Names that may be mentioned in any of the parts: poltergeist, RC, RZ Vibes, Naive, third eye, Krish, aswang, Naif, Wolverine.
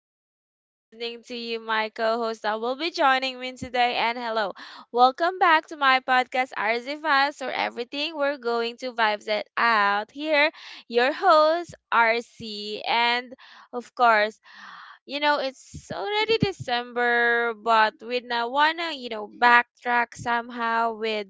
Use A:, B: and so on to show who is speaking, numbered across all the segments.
A: out there. Good evening to you, my co host that will be joining me today. And hello, welcome back to my podcast, RZ Vibes, or everything we're going to vibes it out. Here, your host, RC. And of course, it's already December, but we now wanna, backtrack somehow with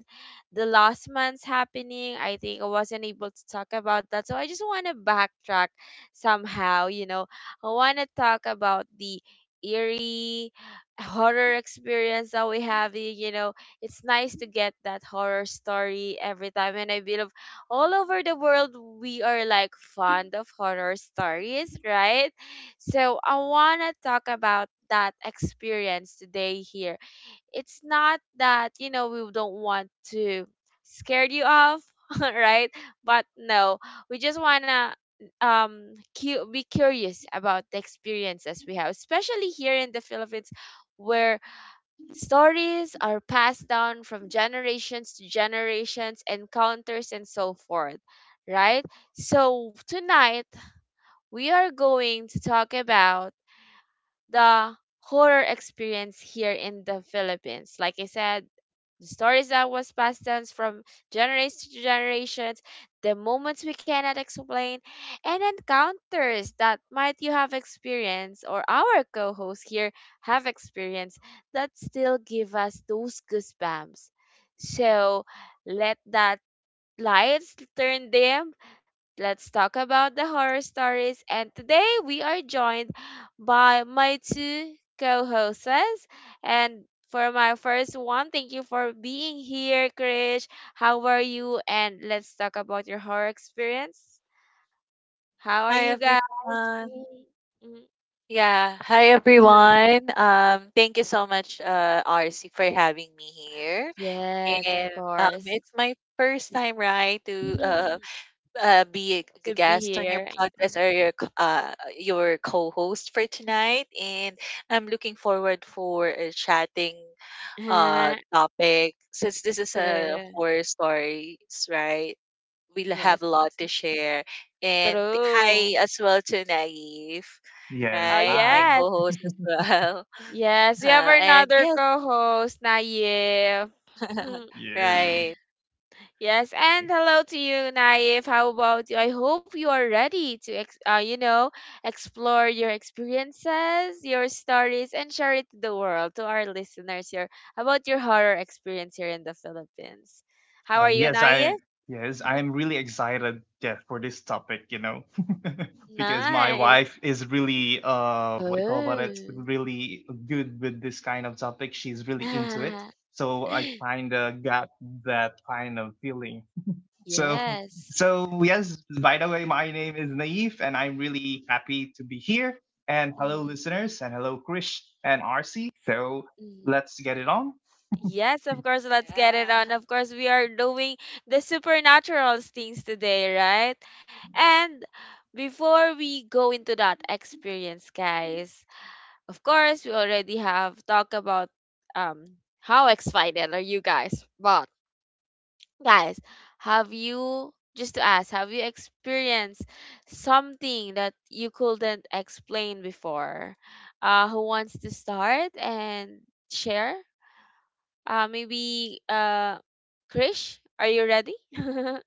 A: the last month's happening. I think I wasn't able to talk about that. So I just wanna backtrack somehow. I wanna talk about the eerie horror experience that we have it's nice to get that horror story every time, and I believe all over the world we are like fond of horror stories, right? So I want to talk about that experience today here. It's not that, we don't want to scare you off, right? But no, we just want to um be curious about the experiences we have, especially here in the Philippines where stories are passed down from generations to generations, encounters and so forth, right? So tonight we are going to talk about the horror experience here in the Philippines. Like I said, the stories that was passed down from generation to generations, the moments we cannot explain, and encounters that might you have experienced or our co-hosts here have experienced that still give us those goosebumps. So let that lights turn dim. Let's talk about the horror stories. And today we are joined by my two co hosts. And for my first one, thank you for being here, Krish. How are you? And let's talk about your horror experience. How are
B: Hi
A: you guys?
B: everyone.
A: Mhm, mhm.
B: Yeah, hi everyone. Thank you so much, RC, for having me here.
A: Yes, of
B: And
A: course.
B: it's my first time, right, to be a
A: To be
B: guest on
A: here.
B: your podcast or your your co-host for tonight. And I'm looking forward for chatting topic. Since this is a
A: True.
B: horror stories, right? We'll have
A: Yes.
B: a lot to share. And
A: True.
B: hi as well to Naive,
C: Yes,
A: Oh,
B: right? My
C: hi.
A: yes.
B: co-host as well.
A: Yes, we have
B: And
A: another
B: yes,
A: co-host, Naif.
C: Yeah.
B: right.
A: Yes, and hello to you, Naif. How about you? I hope you are ready to, explore your experiences, your stories, and share it to the world, to our listeners here, about your horror experience here in the Philippines. How
C: Uh,
A: are you,
C: yes, I
A: Naif?
C: yes,
A: Mhm.
C: I am really excited, yeah, for this topic, because my
A: Nice.
C: wife is really what do you call about it,
A: Oh.
C: really good with this kind of topic. She's really into it. So I kind of got that kind of feeling. So
A: Yes.
C: so yes, by the way, my name is Naif and I'm really happy to be here. And hello
A: Mm,
C: listeners and hello Krish and RC. So
A: mm.
C: let's get it on.
A: Yes, of course, let's get it
B: Yeah.
A: on. Of course, we are doing the supernatural things today, right? And before we go into that experience, guys, of course, we already have talked about um how excited are you guys? But guys, have you just to ask, have you experienced something that you couldn't explain before? Who wants to start and share? Maybe Krish, are you ready?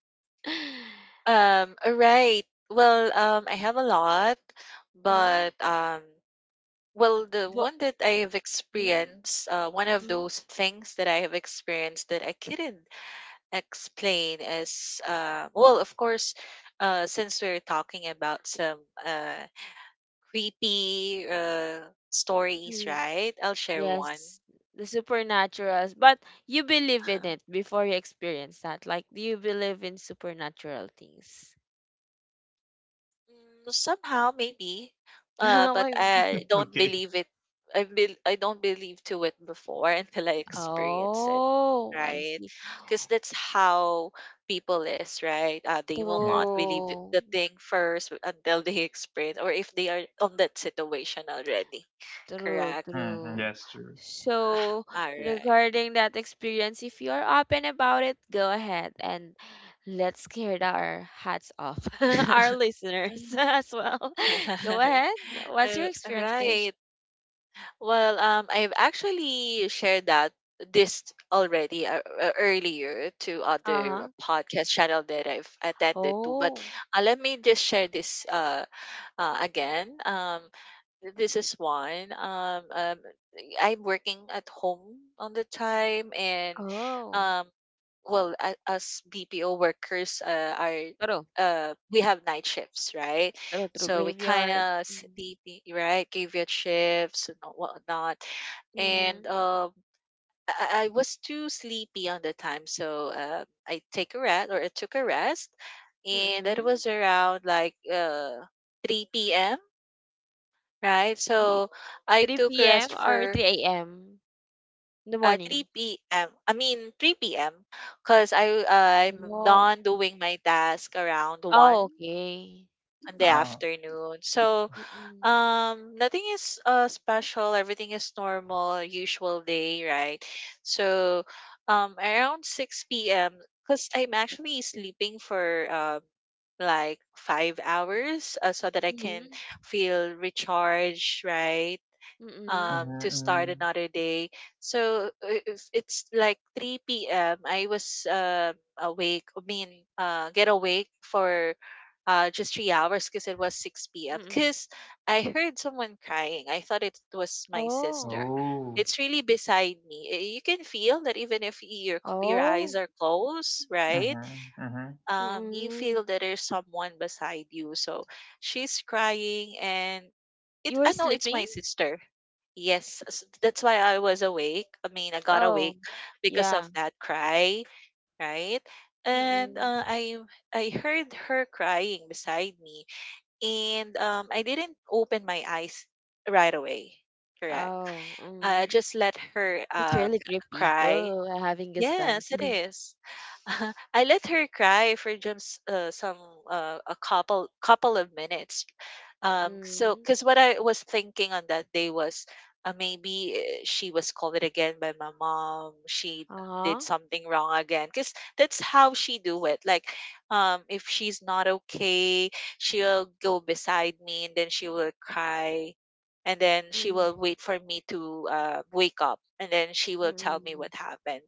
B: All right. Well, I have a lot,
A: Mm-hmm.
B: but well, the
A: But,
B: one that I have
A: mm,
B: experienced, one of
A: mm,
B: those things that I have experienced that I couldn't explain is, well, of course, since we're talking about some uh, creepy stories,
A: mm.
B: right, I'll share one.
A: Yes, the supernaturals. But you believe in it before you experience that. Like, do you believe in supernatural things?
B: Mm, somehow maybe, but
A: Why-
B: I don't
C: Okay.
B: believe it. I don't believe to it before until I experience it,
A: oh, I
B: right?
A: see.
B: Because that's how people is, right? They will
C: Yeah.
B: not believe
A: True.
B: the thing first until they experience, or if they are on that situation already.
A: True,
B: Correct.
C: Hmm.
A: true.
C: That's true.
B: Ah,
A: So,
B: all right.
A: regarding that experience, if you're open about it, go ahead and let's get our hats off, our listeners as well. Go ahead. What's your experience, Krish?
B: Right. Well, I've actually shared that this already, earlier, to
A: Uh-huh.
B: other podcast channel that I've attended to, but
A: Oh,
B: let me just share this again. This is one. I'm working at home on the time, and
A: oh.
B: um, well, as BPO workers, are
A: True,
B: we have night shifts, right?
A: true, true.
B: So we kind
A: Graveyard.
B: of sleepy, right? Graveyard shifts and whatnot, and
A: Mm-hmm.
B: I was too sleepy on the time, so I took a rest, and it
A: Mm-hmm.
B: was around like 3 p.m. Right. So I took
A: 3 p.m.
B: rest
A: or
B: for
A: 3 a.m. in the morning.
B: 3 p.m. I mean 3 p.m., because I'm
A: Oh,
B: done doing my task around 1
A: oh, okay.
B: in the
C: Oh.
B: afternoon. So
A: Mm-mm.
B: nothing is special. Everything is normal, usual day, right? So around 6 p.m., because I'm actually sleeping for like 5 hours, so that I can feel recharged, right?
A: Mm-mm.
B: To start
C: Mm-hmm.
B: another day, so if it's like 3 p.m., I was awake I mean get awake for just 3 hours, because it was 6 p.m.,
A: Mm.
B: because I heard someone crying. I thought it was my
A: Oh.
B: sister.
C: Oh.
B: It's really beside me. Eh, you can feel that even if your your eyes
A: Oh.
B: are closed, right?
C: Mm-hmm. Mm-hmm.
B: You
A: Mm.
B: feel that there's someone beside you. So she's crying, and it
A: You were
B: I know it's my
A: sleeping?
B: sister. Yes, that's why I was awake. I mean, I got
A: Oh.
B: awake because of
A: Yeah.
B: that cry, right? And
A: Mm.
B: I heard her crying beside me, and I didn't open my eyes right away. Correct.
A: Oh.
B: I
A: Mm.
B: just let her
A: That's really creepy.
B: cry.
A: Oh, I'm having
B: Yes, it
A: goosebumps.
B: is. I let her cry for just some, a couple of minutes. So
A: Mm.
B: because what I was thinking on that day was, maybe she was scolded again by my mom. She did
A: Uh-huh.
B: something wrong again, because that's how she do it. Like, if she's not okay, she'll go beside me and then she will cry, and then she
A: Mm.
B: will wait for me to wake up, and then she will tell me
A: Mm.
B: what happened.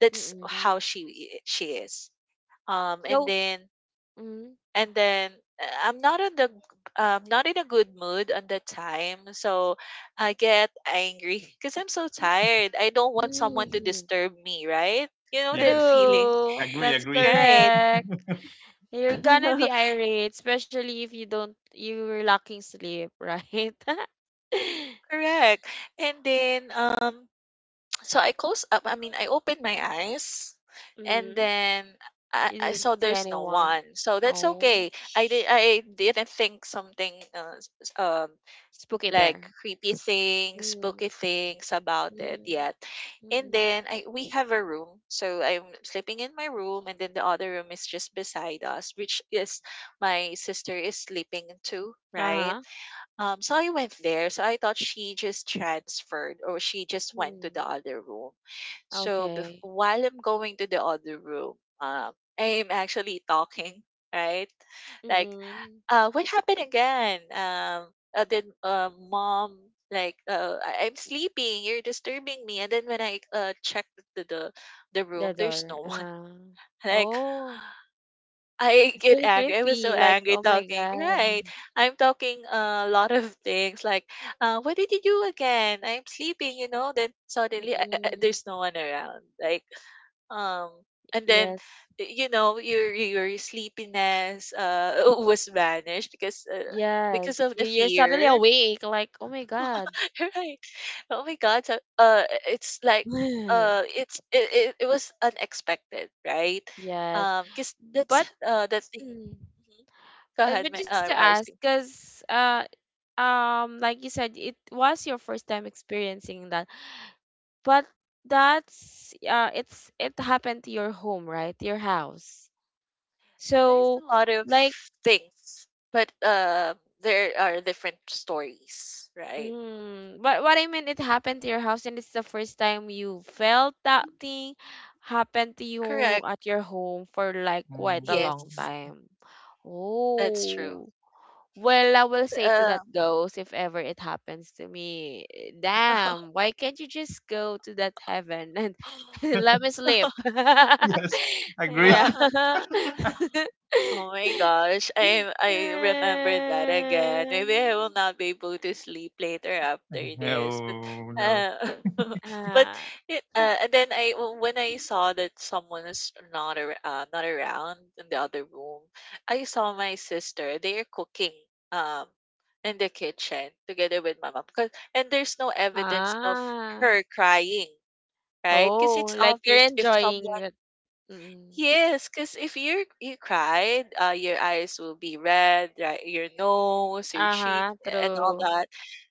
B: That's how
A: Mm.
B: she is. Um, and
A: So,
B: then
A: mm.
B: and then I'm not not in a good mood on the time, so I get angry because I'm so tired. I don't want someone to
A: Mm.
B: disturb me, right? You know that
C: Yes. Yes.
B: feeling,
A: True.
C: Agree,
A: That's
C: agree.
B: right?
A: correct. You're gonna be irate, especially if you don't you were lacking sleep, right?
B: Correct. And then So I closed up I mean, I opened my eyes, and
A: Mm.
B: then I
A: You
B: I
A: didn't
B: saw
A: see
B: there's no
A: anyone.
B: one. So that's
A: Oh,
B: okay. I didn't think something,
A: spooky
B: like
A: there.
B: creepy things,
A: Mm,
B: spooky things about it
A: mm,
B: yet. And
A: mm.
B: then I we have a room. So I'm sleeping in my room, and then the other room is just beside us, which is my sister is sleeping too, right?
A: Uh-huh.
B: So I went there. So I thought she just transferred or she just went to the
A: Mm.
B: other room. So
A: Okay.
B: while I'm going to the other room, um, I am actually talking, right? Like,
A: Mm-mm.
B: what happened again? Then, mom, like, I'm sleeping. You're disturbing me. And then when I checked the the, the room,
A: The
B: there's
A: door.
B: no one. Like,
A: Oh,
B: I
A: it's
B: get
A: really
B: angry. I was so
A: creepy. Like,
B: angry
A: oh my
B: talking.
A: God.
B: Right? I'm talking a lot of things. Like, what did you do again? I'm sleeping. You know. Then suddenly,
A: Mm-mm.
B: there's no one around. Like, um, and then
A: Yes.
B: y- you know your sleepiness was vanished, because
A: Yes.
B: of the
A: You, you're suddenly
B: fear,
A: awake. Like, oh my God.
B: right? Oh my God! So, it's like, it was unexpected, right?
A: Yes.
B: Because that's
A: But,
B: that thing.
A: mm,
B: Mhm. Go ahead,
A: but
B: my
A: just to ask,
B: RC.
A: because like you said it was your first time experiencing that, but that's it's it happened to your home, right? Your house.
B: There's
A: So
B: a lot of
A: like
B: things, but there are different stories, right?
A: mm, but what I mean it happened to your house and it's the first time you felt that thing happened to you
B: Correct.
A: at your home for like quite a
B: Yes,
A: long
C: Mm.
A: time.
B: that's true.
A: Oh. Well, I will say to
B: Uh,
A: that ghost, if ever it happens to me, eh, damn, why can't you just go to that heaven and let me sleep?
C: Yes, agree.
A: Yeah.
B: Oh my gosh, I remember that again.
A: Uh,
B: Maybe I will not be able to sleep later after this. But
C: Oh no.
B: uh, but
A: ah,
B: it, and then I when I saw that someone is not not around in the other room, I saw my sister. They are cooking um in the kitchen together with my mom. And there's no evidence of
A: ah.
B: her crying, right? Because
A: Oh,
B: it's
A: like
B: obvious
A: they're
B: if
A: enjoying
B: someone.
A: it. Mm.
B: Yes, because if you cried, your eyes will be red, right? Your nose, your cheek,
A: Uh-huh,
B: and all
A: true.
B: that.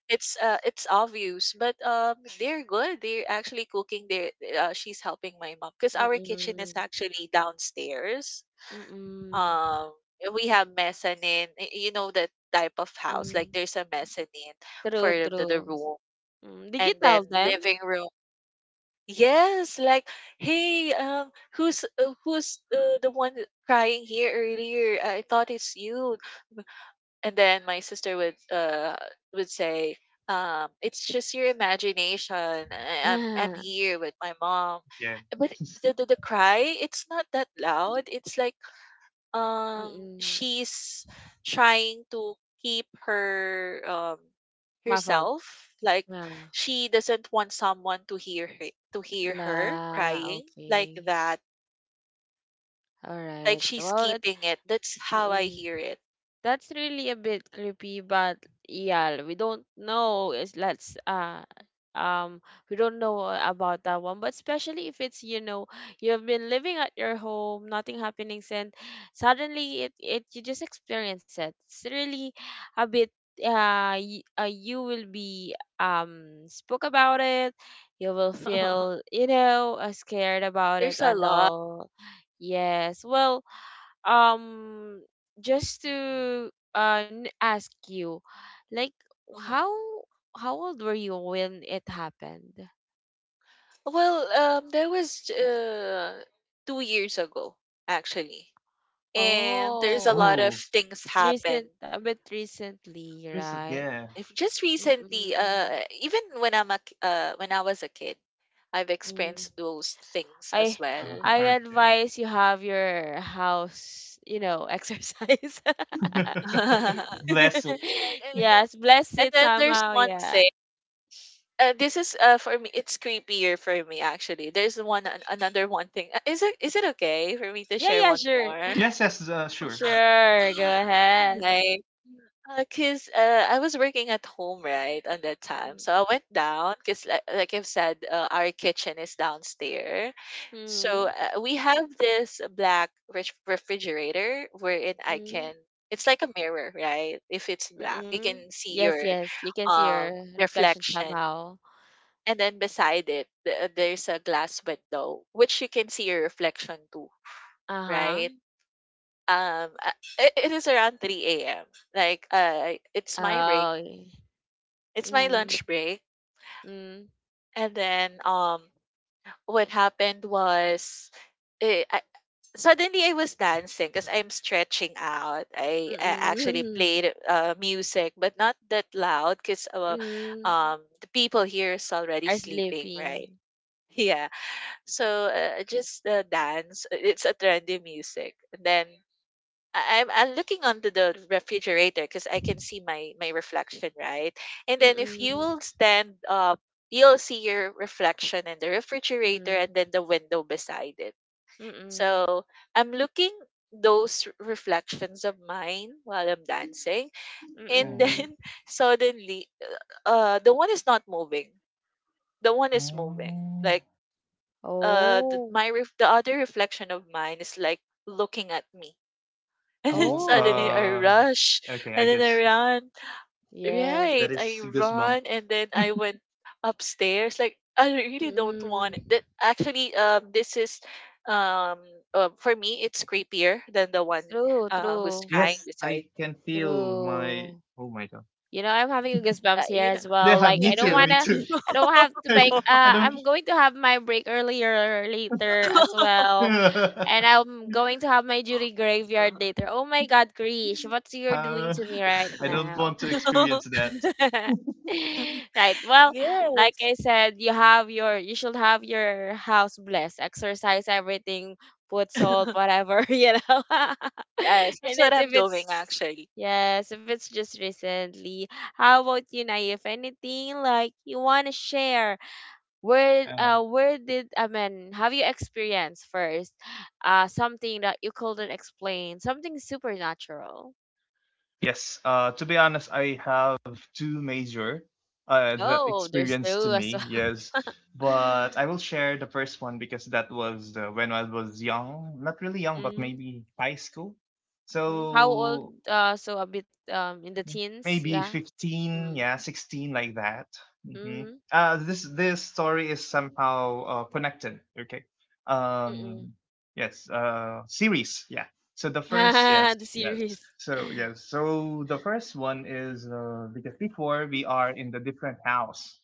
B: It's obvious, but they're good. They're actually cooking. They're she's helping my mom, because our kitchen is
A: Mm-mm.
B: actually downstairs.
A: Mm-mm.
B: Um, we have mezzanine. You know that type of house. Like
A: Mm.
B: there's a mezzanine for
A: True,
B: the
A: true.
B: room,
A: Mm. Did you
B: and then
A: tell them?
B: living room. Yes, like, hey, who's the one crying here earlier? I thought it's you. And then my sister would say, it's just your imagination. I'm
A: Ah,
B: here with my mom.
C: Yeah.
B: But the cry, it's not that loud. It's like
A: mm.
B: she's trying to keep
A: Muffled.
B: herself, like
A: Yeah.
B: she doesn't want someone to hear her
A: La,
B: crying like
A: okay.
B: that, like
A: Alright.
B: she's
A: Well, it's
B: keeping it. That's how I
A: mm.
B: hear it.
A: That's really a bit creepy, but yeah, we don't know. Is let's um we don't know about that one, but especially if it's you know you've been living at your home, nothing happening, and suddenly it it you just experience it. It's really a bit you will be spoke about it. You will feel you know scared about it
B: There's a
A: and
B: lot.
A: all. Yes, well um just to ask you like
B: Mhm.
A: how how old were you when it happened.
B: Well, there was 2 years ago, actually, and there's a
A: Oh,
B: lot of
C: Oh,
B: things
A: it's
B: happen.
A: recent, a bit recently,
C: blessed.
A: right?
C: Yeah.
B: If just recently,
A: Mm-mm.
B: even when when I was a kid, I've
A: Mm.
B: experienced those things
A: i
B: as well.
A: I
C: Uh-huh.
A: advise you have your house you know exercise.
C: Okay. Blessed.
B: Right, and then,
A: Yes, bless
B: and
A: it
B: then there's
A: somehow,
B: one
A: yeah.
B: thing. This is for me. It's creepier for me, actually. There's another one thing. Is it okay for me to
A: Yeah,
B: share
A: yeah,
B: one
A: sure.
B: more?
C: Yes, yes, sure.
A: Sure, go ahead.
B: Right. Because I was working at home, right, on that time. So I went down, 'cause like I've said, our kitchen is downstairs. So,
A: Mm.
B: we have this black refrigerator, wherein I
A: Mhm,
B: can it's like a mirror, right? If it's black, you
A: mm.
B: can see
A: Yes,
B: your,
A: yes, you can see
B: um,
A: your reflection
B: reflection.
A: somehow.
B: And then beside it, there's a glass window, which you can see your reflection too, right?
A: Uh-huh.
B: um uh, it, is around 3 a.m., like it's my break,
A: Oh, y
B: it's my
A: mhm,
B: lunch break.
A: mm,
B: And then what happened was, eh, I, suddenly I was dancing because I'm stretching out. I actually
A: mm,
B: played music, but not that loud because
A: mm,
B: the people here is already
A: are
B: sleeping, right?
A: sleeping.
B: Yeah. So just dance, it's a trendy music. And then I'm looking onto the refrigerator, because I can see my reflection, right? And then if you
A: Mm-mm,
B: will stand up, you'll see your reflection in the refrigerator
A: mm,
B: and then the window beside it.
A: mm-mm,
B: So I'm looking those reflections of mine while I'm dancing, and
A: mm-mm.
B: then suddenly, the one is not moving. The one is moving.
C: Mhm.
B: Like,
A: Oh,
B: the other reflection of mine is like looking at me. And then
C: Oh,
B: suddenly I
A: oh,
B: rush,
C: okay, I
B: and then I
C: guess
B: ran.
A: yes.
B: Right.
C: that is
B: I
C: goosebump.
B: run and then I went upstairs. Like I really don't want it.
A: Mm,
B: That actually, this is um for me, it's creepier than the one
A: true,
B: who's
A: true,
B: crying
C: Yes,
B: beside.
C: I can feel my.
A: true.
C: Oh my god.
A: You know, I'm having a goosebumps here
B: You know,
A: as well.
C: Yeah,
A: Like
B: me
A: I
C: me
A: don't
C: too,
B: too.
C: me
A: wanna,
C: too.
A: I don't have to make.
C: I don't.
A: I'm going to have my break earlier later as well,
C: uh,
A: and I'm going to have my duty graveyard later. Oh my God, Krish, what you're doing
C: I
A: to me right
C: don't
A: now?
C: want to experience that.
A: Right. Well, like
B: Yes.
A: I said, you have your you should have your house blessed. Exercise everything, put salt, whatever, you know. And
B: Yes, that's what
A: it,
B: I'm
A: if
B: doing,
A: it's
B: actually.
A: yes, if it's just recently, how about you, Nay? If anything like you wanna share,
C: Uh,
A: where did I mean have you experienced first something that you couldn't explain, something supernatural?
C: Yes, to be honest, I have two major that
A: Oh, there's
C: experience to
A: two as
C: me.
A: well.
C: Yes, but I will share the first one because that was when I was young, not really young, but
A: Mm,
C: maybe high school.
A: mm. How old?
C: So
A: So a bit in the teens,
C: maybe
A: yeah.
C: 15,
A: Mm.
C: yeah, 16, like that. hmm
A: Mm-hmm.
C: uh this this story is somehow connected. Okay.
A: Mm-mm.
C: um yes. Series, yeah. So the first, yes,
A: The
C: yes.
A: series.
C: So yes, so the first one is, because before we are in the different house.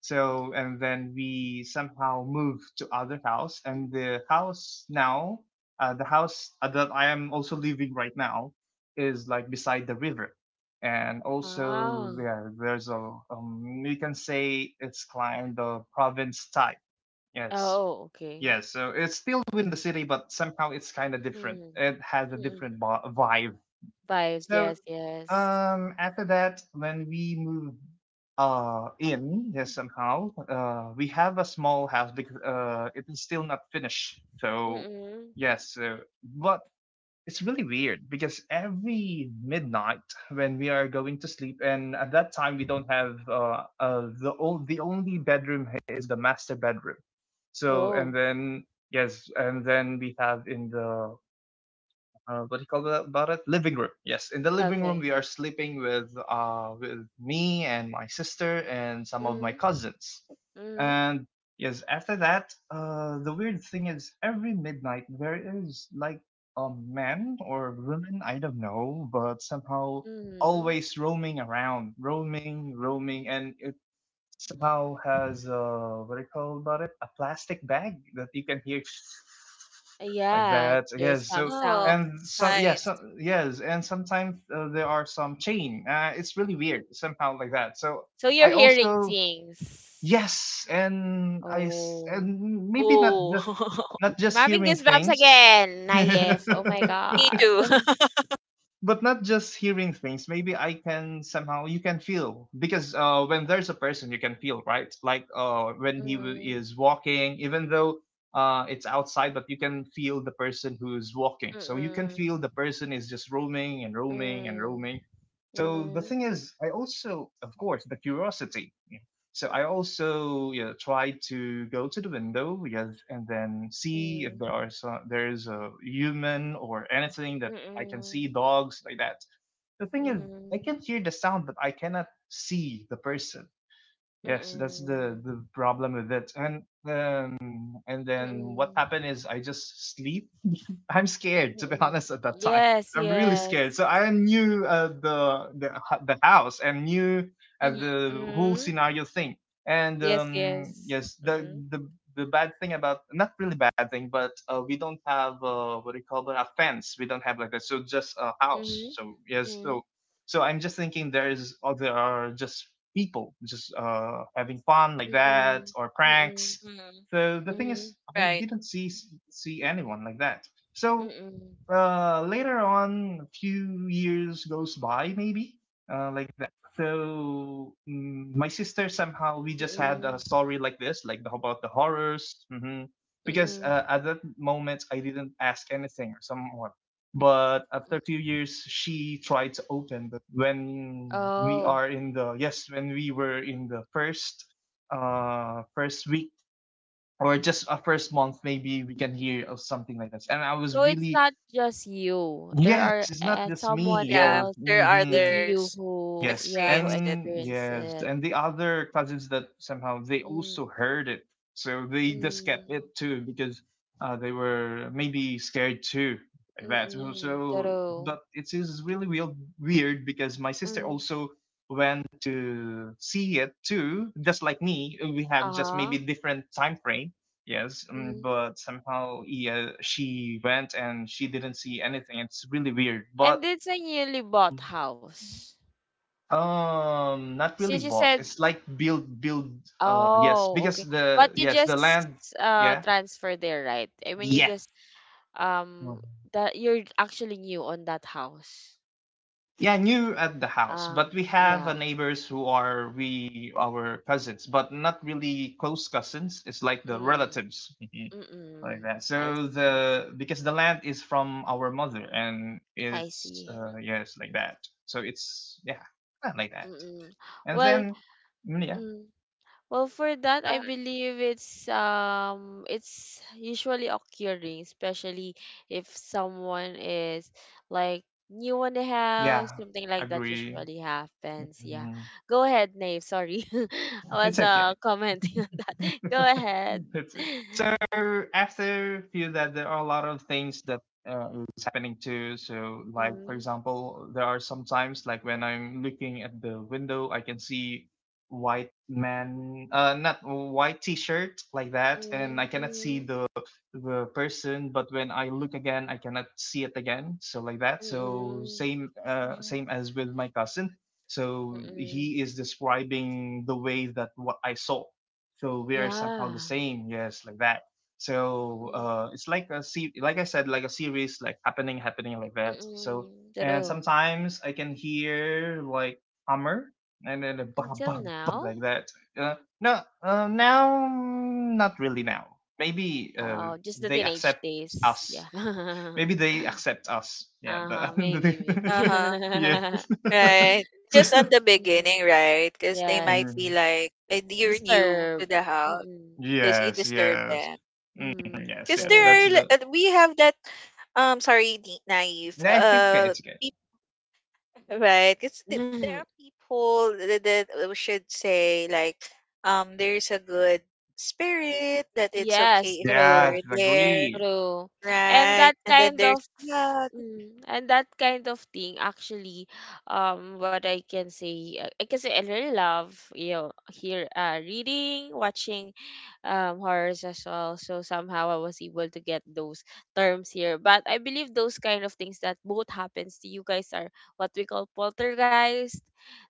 C: So, and then we somehow moved to other house, and the house now, the house that I am also living right now, is like beside the river, and also,
B: Hmm.
A: Oh.
C: yeah, there's a, we can say it's kind of province type. Yes,
A: Oh, okay.
C: yes. So it's still within the city, but somehow it's kind of different.
A: Mm.
C: It has a
A: Mm-mm.
C: different vibe.
A: Vibes,
C: So
A: yes, yes.
C: after that, when we move in yes, somehow, we have a small house because it is still not finished. So
A: Mm-mm.
C: yes. So, but it's really weird because every midnight when we are going to sleep, and at that time we don't have the only bedroom is the master bedroom. So,
A: Oh,
C: and then yes, and then we have in the, what do you call that about it? Living room. Yes, in the living room
A: okay.
C: we are sleeping with me and my sister and some of my
A: Mm.
C: cousins.
A: Mm.
C: And yes, after that, the weird thing is every midnight there is like a man or woman, I don't know, but somehow
A: Mm.
C: always roaming around, roaming, roaming, and somehow has a, what do you call about it, a plastic bag that you can hear like
A: Yeah,
C: that.
A: there's
C: Yes.
A: some
C: So
B: Oh,
C: and some,
A: sounds.
B: right.
C: yes, so, yes, and sometimes there are some chain. It's really weird somehow like that. So
A: So you're
C: I
A: hearing
C: also,
A: things.
C: yes, and
A: Oh.
C: and maybe not
B: Oh,
C: just not
A: I'm
C: just
A: having
C: hearing
A: goosebumps
C: things.
A: again, Nayef. Oh my
B: me
A: god.
B: too.
C: But not just hearing things, maybe I can somehow, you can feel, because when there's a person you can feel, right? Like, when he
A: Mm,
C: is walking, even though it's outside, but you can feel the person who's walking. So you can
A: mm,
C: feel the person is just roaming and roaming and
A: mm,
C: roaming. So the
A: mm,
C: thing is, I also, of course, the curiosity, yeah. So I also, you try to go to the window, yes, and then see if
A: mm,
C: there are some, there is a human or anything that I can
A: mm,
C: see, dogs, like that. The thing is, I can hear the sound, but I cannot see the person.
A: mm,
C: Yes, that's
A: mm,
C: the problem with it. And then what happened
A: mm,
C: is I just sleep. I'm scared to be,
A: mm.
C: honest at that time.
A: Yes,
C: I'm really scared.
A: yes.
C: So I knew the, the house, and knew
B: Mhm,
C: the whole
A: Mm,
C: scenario thing. And
A: yes, yes.
C: yes, the
A: Mm,
C: the the bad thing about, not really bad thing, but we don't have, what do you call that, a fence. We don't have like that. So just a house.
A: mm,
C: So yes, so,
A: mm,
C: so I'm just thinking there is or there are just people just having fun like that,
A: mm,
C: or
A: mm,
C: pranks.
B: mhm.
C: So the thing is, I
B: Right.
C: didn't see anyone like that.
A: mm,
C: So
A: mm,
C: later on, a few years goes by, maybe like that. So, mm, my sister, somehow we just had a story like this, like the, about the horrors.
A: mm,
C: Because
A: mm.
C: at that moment, I didn't ask anything or someone. But after a few years, she tried to open. But when we
A: Oh,
C: are in the, yes, when we were in the first, first week or just a first month, maybe, we can hear of something like this, and I was
A: so it's
C: really,
A: not just you. There
C: yes,
A: are
C: it's not just me.
A: someone
B: Yeah,
C: Yes.
A: else
B: there are
A: with
C: Hmm.
A: you
B: others
A: who,
C: Yes,
A: yeah, who
B: experienced it.
C: and
A: experienced
C: yes,
A: it.
C: and the other cousins that somehow they
A: Hmm,
C: also heard it, so they just kept
A: hmm,
C: it too because they were maybe scared too. Like
A: mm,
C: that. So,
A: mm-mm,
C: so,
A: true.
C: but it is really real weird because my sister
A: Mm,
C: also went to see it too, just like me. We have just maybe
A: uh-huh.
C: different time frame. Yes,
A: Mm.
C: but somehow, yeah, she went and she didn't see anything. It's really weird, but
A: And it's a newly bought house.
C: not
A: Since
C: really
A: you
C: bought.
A: said,
C: It's like build, build. Yes,
A: oh,
C: because
A: okay. But
C: the
A: you
C: yes, the
A: just
C: land. Yeah.
A: transfer there, right? I mean, you
C: Yes.
A: just um
C: Mhm.
A: that you're actually new on that house.
C: Yeah, new at the house,
A: Ah,
C: but we have
A: yeah.
C: neighbors who are we, our cousins, but not really close cousins. It's like the
A: Mm,
C: relatives. Mhm.
A: mm,
C: Like
A: mm.
C: that.
A: I
C: So,
A: see.
C: the, because the land is from our mother, and
A: I
C: it's
A: see.
B: Mhm.
C: yes, like that. So it's, yeah, kinda like that.
A: Mm, mm.
C: And
A: Well,
C: then, mm, yeah,
A: mm, well, for that, I
B: Go.
A: believe it's usually occurring, especially if someone is like new on the house,
C: yeah,
A: something like that
C: agree.
A: usually happens. Yeah.
C: Mm-hmm.
A: Go ahead, Nave. Sorry. I was
C: It's okay.
A: commenting on that. Go ahead.
C: It's okay. So, after, feel that there are a lot of things that is happening too. So, like for
A: Mm,
C: example, there are sometimes like when I'm looking at the window, I can see white man, not white t-shirt like that, and I
A: mm,
C: cannot see
A: mm,
C: the person. But when I look again, I cannot see it again. So, like that. So
A: mm,
C: same
B: Mhm.
C: same as with my cousin.
A: mm,
C: So
A: mm.
C: he is describing the way that what I saw. So we are somehow the
A: Yeah.
C: same, yes, like that. So
A: Mm,
C: it's like like I said, like a series, like happening, happening, like that.
A: mm,
C: So,
A: mm.
C: and
A: True.
C: sometimes I can hear like hammer and then a bah,
A: Until
C: bah, bah,
A: now.
C: like that. uh, no, now, mm, not really now, maybe
A: Oh, just the
C: they
A: teenage
C: accept
A: days.
C: us.
A: Yeah.
C: Maybe they accept us, yeah,
A: Uh-huh.
C: but
A: Maybe,
B: Uh-huh.
C: yeah.
A: maybe.
B: Right. Just on the
A: Mhm.
B: beginning, right? Because they
A: Yes.
B: might be
C: Mm,
B: like, eh, you're new to
A: Disturb.
B: the house.
A: Mm-mm.
B: Because you
C: yes,
B: disturb
C: yes.
B: them.
C: Mm,
A: Mm,
C: yes,
B: Because
C: yes,
B: there
C: that's
B: are,
A: true.
C: the,
B: we have that, sorry, Naive.
C: yes, it's good, it's good.
B: Right. There are people that, we should say, like, there's a good spirit that it's okay
A: Yes,
B: if
C: Yes,
B: you're
A: true.
B: there,
C: agreed.
A: True. And
B: right?
A: that
B: And then
A: kind
B: there's,
A: of
B: yeah,
A: mm, and that kind of thing actually what I can say I can say I really love you know here reading, watching horrors as well. So somehow I was able to get those terms here. But I believe those kind of things that both happens to you guys are what we call poltergeist.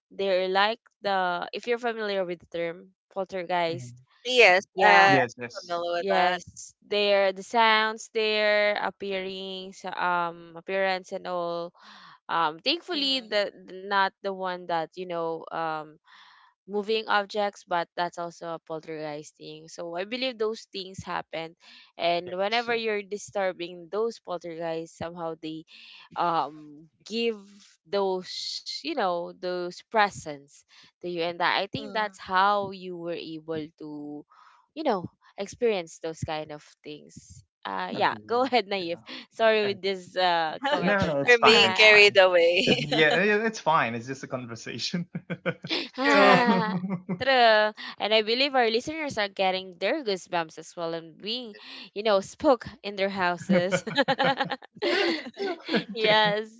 A: They're like the if you're familiar with the term poltergeist.
C: Mhm.
B: yes,
A: Yeah.
B: I'm
C: Yes, yes.
B: familiar with that.
A: Yes, there the sounds their appearing sa appearance and all. Thankfully
B: Mm.
A: the not the one that you know moving objects, but that's also a poltergeist thing. So I believe those things happen, and
C: Yes,
A: whenever you're disturbing those poltergeists, somehow they give those you know those presents to you, and that, I think
B: Mm.
A: that's how you were able to, you know, experience those kind of things. Yeah, go
C: agreed.
A: ahead, Naive.
C: Yeah.
A: Sorry
C: Eh,
A: with this comment
C: no,
A: on
C: no, it's
B: You're
C: fine,
B: being
C: it's
A: that.
B: carried
C: fine.
B: away.
C: Yeah, it's fine. It's just a conversation. So,
B: Correct.
A: True. And I believe our listeners are getting their goosebumps as well and being, you know, spooked in their houses.
C: okay.
A: Yes.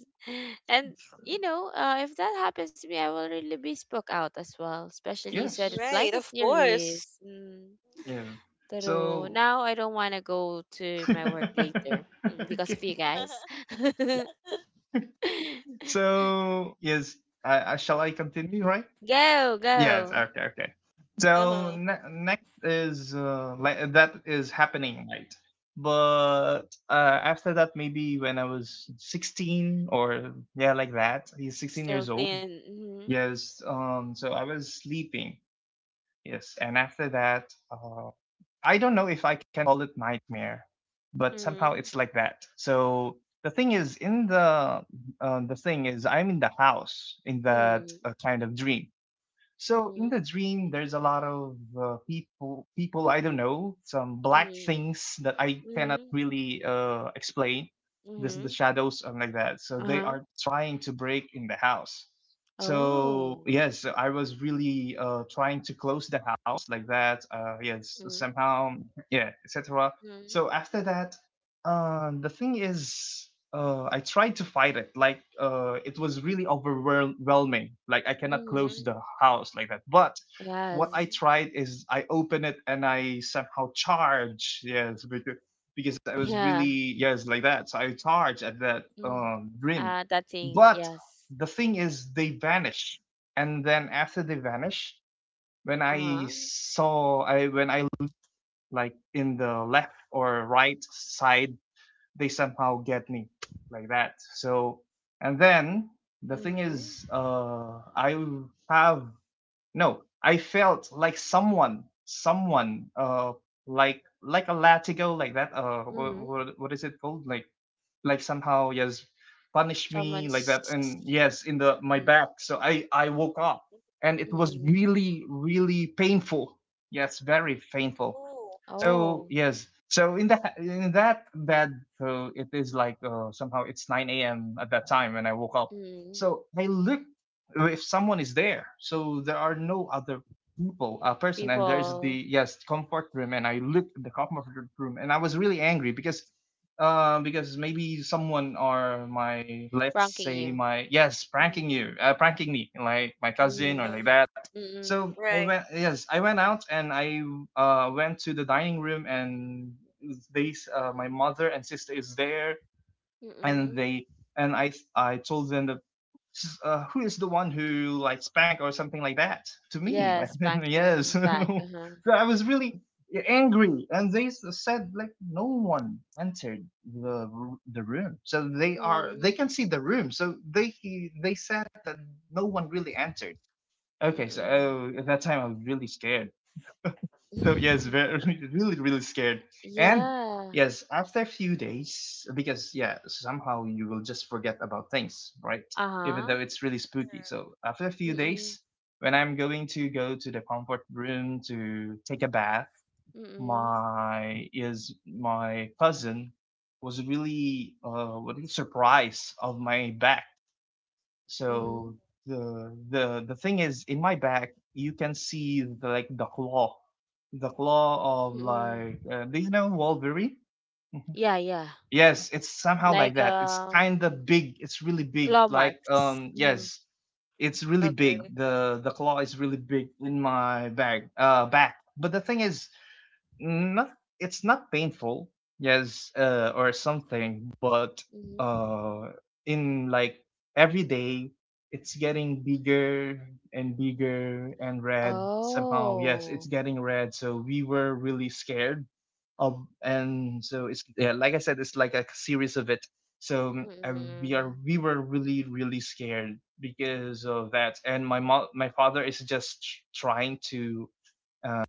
A: And, you know, if that happens to me, I will really be spooked out as well. Especially you said
C: Yes.
A: it's like
B: Right,
A: a
B: of course.
A: series. Mm,
C: Yes.
B: Mhm.
A: true.
C: So,
A: Now I don't want to go to my work
C: okay.
A: later mm, because of you guys.
C: So, yes, I shall I continue, right?
A: Go,
C: Yes.
A: go.
C: Okay. Okay. So,
B: Uh-huh.
C: next is, like that is happening, right? But after that, maybe when I was 16, or yeah, like that. He's
A: I'm
C: sixteen
A: still
C: years old.
A: thin. Mm-hmm.
C: Yes. So I was sleeping. Yes. And after that, I don't know if I can call it nightmare, but somehow
A: Mm-hmm.
C: it's like that. So the thing is, in the, the thing is, I'm in the house in that,
A: Mm,
C: kind of dream. So in
A: mm,
C: the dream, there's a lot of people, people I don't know, some black
A: mm,
C: things that I cannot
A: mm,
C: really explain. This, the
A: mhm,
C: shadows and like that. So they
A: uh-huh.
C: are trying to break in the house.
A: Oh.
C: So yes, so I was really, trying to close the house like that. Yes,
A: Mm,
C: somehow, yeah, etc.
A: mm,
C: So after that, the thing is, I tried to fight it. Like, it was really overwhelming. Like, I cannot close
A: mhm.
C: the house like that. But what I
A: Yes.
C: tried is I open it and I somehow charge. Yes, because I was
A: Yeah.
C: really, yes, like that. So I charge at that,
A: Mm.
C: dream.
A: That thing.
C: But
A: Yes.
C: the thing is, they vanish. And then after they vanish, when I
A: Uh-huh.
C: saw, I when I, like, in the left or right side, they somehow get me, like that. So, and then the thing
A: Mm,
C: is, I have no, I felt like someone, someone, like a latigo, like that.
A: mm.
C: What is it called? Like somehow, yes, punish me, like
A: Someone's.
C: that, and yes, in the my
A: Mm,
C: back. So I woke up, and it was
A: mm.
C: really really painful. Yes, very painful.
B: Oh,
C: So
A: Oh.
C: yes, so in that, in that bed, so it is like, somehow it's 9 a.m. at that time when I woke up.
A: Mm.
C: So I looked if someone is there. So there are no other people, a person, and there's the,
A: People
C: yes, comfort room, and I looked at the comfort room, and I was really angry because. Because maybe someone or my, let's
A: pranking
C: say
A: you.
C: my yes
A: Mm,
C: pranking you pranking me, like my cousin
A: mm,
C: or like
B: uh-huh.
C: that.
A: mm,
C: So I
B: Right.
C: went, yes, I went out and I went to the dining room and they my mother and sister is there, and
A: mm.
C: they, and I told them that who is the one who like spanked or something like that to me, like
A: Yes, bank your
C: yes
A: back.
C: so
A: Uh-huh.
C: I was really angry, and said like no one entered the room, so they are, they
A: Mm,
C: can see the room, so they said that no one really entered. Okay, so at that time I was really scared. So yes,
A: mm.
C: very really really scared. And
A: Yeah.
C: yes, after a few days, because yeah, somehow you will just forget about things, right? Even
A: Uh-huh.
C: though it's really spooky. So after a few
A: Mm-mm.
C: days, when I'm going to go to the comfort room to take a bath,
A: Mm-mm.
C: my cousin was really, surprised of my back.
A: Mhm.
C: So the thing is, in my back, you can see the, like the claw of,
A: Mm-mm.
C: like do you know Wolverine? Mhm.
A: Yeah, yeah.
C: Yes, it's somehow like
A: Like
C: that. It's kind of big. It's really big.
A: claw
C: Like
A: marks. Mhm.
C: yes, it's really
B: Okay.
C: big. The claw is really big in my bag back. But the thing is, not, it's not painful, yes, or something, but
A: Mhm.
C: uh, in like every day, it's getting bigger and bigger and red somehow. Yes, it's
A: Oh.
C: getting red, so we were really scared of, and so it's, yeah, like I said, it's like a series of it. So we are,
A: Mm-mm.
C: we were really really scared because of that, and my mom, my father is just trying to uh,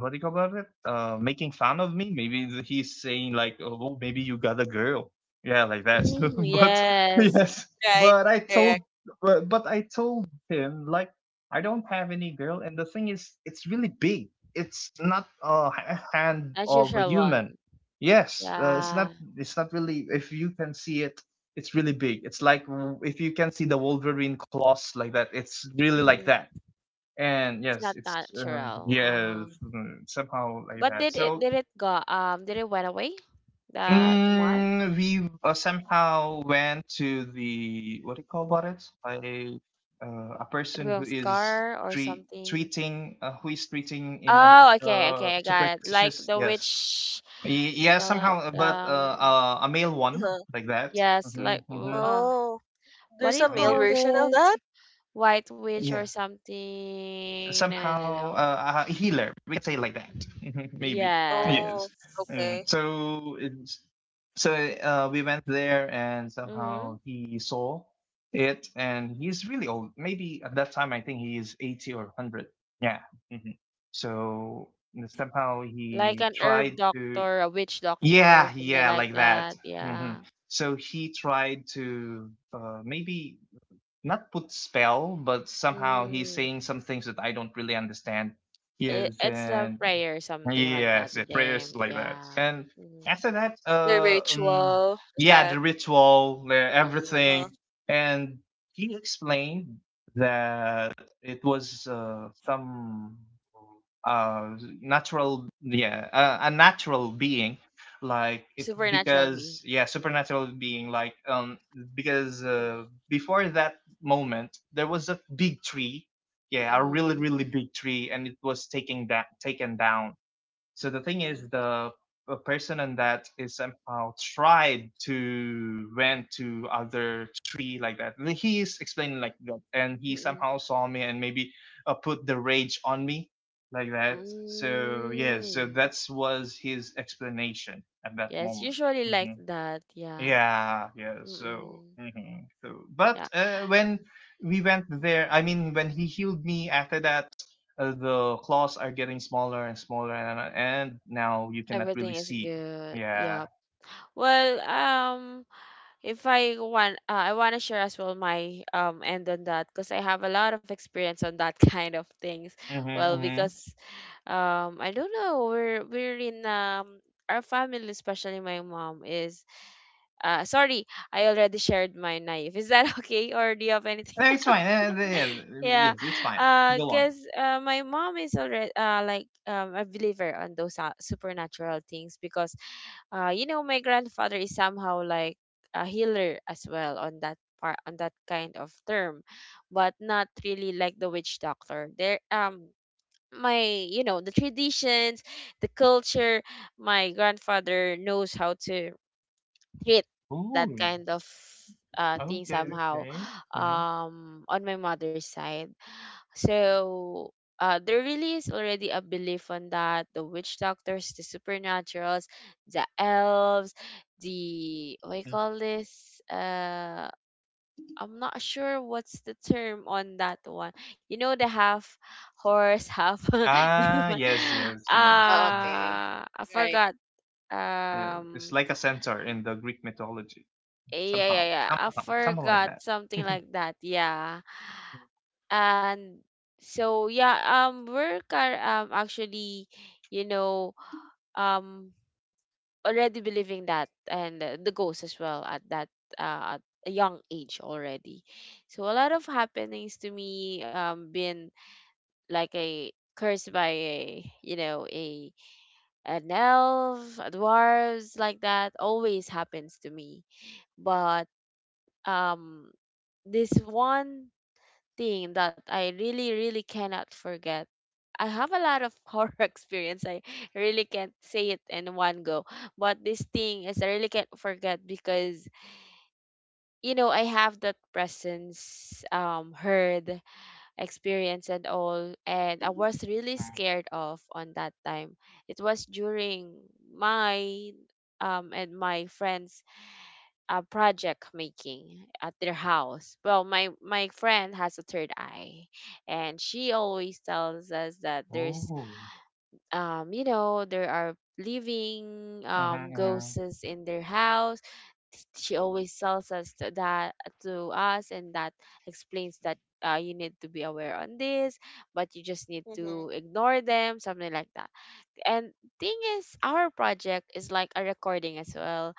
C: what do you call it? Making fun of me. Maybe he's saying like, "Oh, well, maybe you got a girl." Yeah, like that.
A: Mm,
C: But
B: Uh-huh.
A: yes.
C: yes,
B: Right.
C: but I told,
B: Correct.
C: but I told him like, I don't have any girl, and the thing is, it's really big. It's not hand of a
A: Unusual
C: human.
A: one.
C: Yes, it's
A: Yeah.
C: not. It's not really. If you can see it, it's really big. It's like, if you can see the Wolverine claws like that. It's really
A: Mm.
C: like that. And
A: It's not
C: yes, it's
A: natural. Uh-huh.
C: somehow like
A: But
C: that.
A: did it
C: So
A: did it go um did it went away? The mark?
C: mm, we somehow went to the, what do you call about it? I A
A: It
C: person
A: was
C: who is
A: scar or something?
C: treating, who is treating in a
A: Oh, okay, okay, I got it. Like
C: superstitious,
A: the
C: yes.
A: witch, what
C: Yeah,
A: do you call
C: somehow,
A: it?
C: but a male one
B: Uh-huh.
C: like that.
A: Yes,
C: Mm-hmm,
A: like
C: mm-hmm.
B: Oh.
A: what do
B: There's a
A: you
B: male
C: Yeah.
A: call
B: version of
A: this?
B: that?
A: White witch or
C: Yeah.
A: something? No, no, no,
C: Somehow
A: no.
C: a healer. We could say like that, maybe.
A: Yes.
C: Yes.
B: Oh, okay.
C: Mm. So it's, so we went there, and
A: Mm-hmm.
C: somehow he saw it, and he's really old. Maybe at that time, I think he is 80 or hundred. Yeah. Hmm. So somehow
A: Like
C: he
A: an herb
C: tried to.
A: doctor, a witch doctor,
C: Yeah,
A: something
C: yeah,
A: like
C: like that.
A: that.
C: Hmm.
A: Yeah.
C: So he tried to, maybe not put spell, but somehow he's
A: Mm.
C: saying some things that I don't really understand.
A: It,
C: Yes,
A: it's a
C: and
A: prayer, something like that
C: yes,
A: with
C: it's prayers
A: them.
C: like that.
A: Yeah.
C: And
A: Mm-hmm.
C: after that,
B: The ritual is
C: yeah,
B: that?
C: the ritual, the
A: Mm-mm.
B: Huh?
C: everything, and he explained that it was some natural yeah a natural being like it,
A: Supernatural being.
C: because yeah, supernatural being, like because
B: Mm.
C: before that moment there was a big tree, yeah, a
A: Mm-hmm.
C: really really big tree, and it was taking, that taken down. So the thing
A: Mm-hmm.
B: Mhm.
C: is, the a person in that is somehow tried to went to other tree like that. And he is explaining like that, and he
A: Mm-mm.
C: somehow saw me and maybe put the rage on me like that. So yeah, so
A: Mm.
C: that was his explanation at that
A: Yes,
C: moment.
A: usually like
C: Mhm.
A: that. Yeah.
C: Yeah, yeah. So,
A: Mm-mm.
C: mhm, so, but
A: Yeah.
C: when we went there, I mean, when he healed me after that, the claws are getting smaller and smaller, and and now you cannot really
A: Everything is
C: see.
A: good.
C: Yeah.
A: Yeah. Well, if I want, I want to share as well my end on that because I have a lot of experience on that kind of things.
C: Mm-hmm,
A: Well,
C: mm-hmm.
A: because I don't know, we're in our family, especially my mom is sorry, I already shared my knife. Is that okay, or do you have
C: No,
A: anything
C: it's fine.
A: yeah
C: Yes, it's fine. Go on.
A: because my mom is already like a believer on those supernatural things because you know my grandfather is somehow like a healer as well on that part on that kind of term, but not really like the witch doctor there. My you know The traditions, the culture, my grandfather knows how to treat that
C: Ooh.
A: kind of thing
C: Okay.
A: somehow
C: Okay. Mm-hmm.
A: on my mother's side. So there really is already a belief on that, the witch doctors, the supernaturals, the elves, the what you call this? I'm not sure what's the term on that one. You know, the half horse, half
C: Ah,
A: human.
C: yes, yes, yes.
B: Ah,
C: Mm.
B: okay.
A: I
B: Right.
A: forgot.
C: Yes.
A: Um,
C: It's like a centaur in the Greek mythology,
A: Yeah, yeah,
C: somehow,
A: yeah. I
C: somehow, something like
A: forgot
C: that.
A: something like that. Yeah. And so yeah, we're car actually, you know, um already believing that, and the ghost as well at that at a young age already. So a lot of happenings to me been like a cursed by a you know a an elf, a dwarves like that always happens to me. But um this one thing that I really, really cannot forget. I have a lot of horror experience. I really can't say it in one go. But this thing is I really can't forget because I have that presence, heard experience and all, and I was really scared of on that time. It was during my and my friends project making at their house. Well, my friend has a third eye, and she always tells us that there's
C: Oh.
A: you know there are living
C: Mm-hmm,
A: ghosts in their house. She always tells us to that to us, and that explains that you need to be aware on this, but you just need
B: Mm-hmm.
A: to ignore them, something like that. And thing is, our project is like a recording as well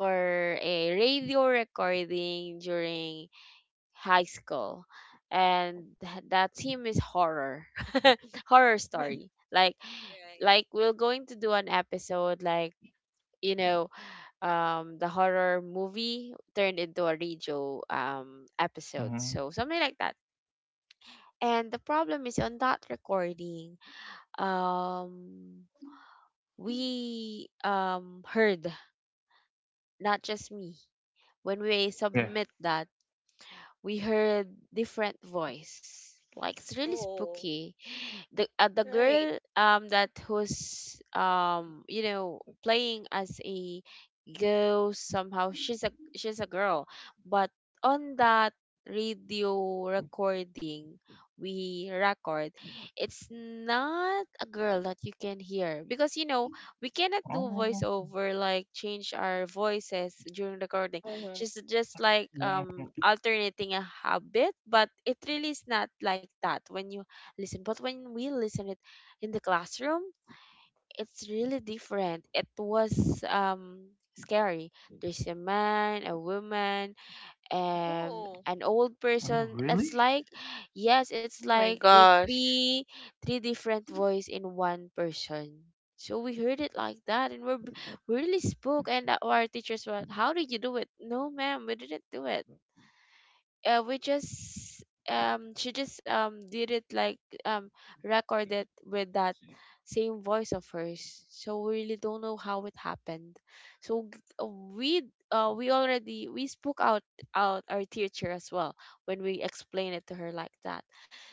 A: for a radio recording during high school. And that theme is horror, horror
B: Right.
A: story. Like, we're going to do an episode like you know the horror movie turned into a radio episode,
C: mm-hmm.
A: so something like that. And the problem is on that recording, um we heard, not just me, when we
C: Yes.
A: submit that, we heard different voice. Like, it's really
B: Oh,
A: spooky. The
B: right.
A: girl that who's playing as a ghost, somehow she's a girl, but on that radio recording we record, it's not a girl that you can hear because you know we cannot do
C: Oh.
A: voiceover like change our voices during recording.
B: Mm-hmm.
A: She's just like
C: Hmm.
A: alternating a habit, but it really is not like that when you listen. But when we listen it in the classroom, it's really different. It was scary. There's a man, a woman,
B: Oh,
A: an old
C: Oh,
A: person. It's
C: really?
A: like, yes, it's
B: oh my
A: like a
B: gosh.
A: three different voice in one person. So we heard it like that, and we really spoke, and our teachers were, how did you do it? No, ma'am, we didn't do it. We just she just did it like um record it with that same voice of hers, so we really don't know how it happened. So we spoke out our teacher as well when we explained it to her like that,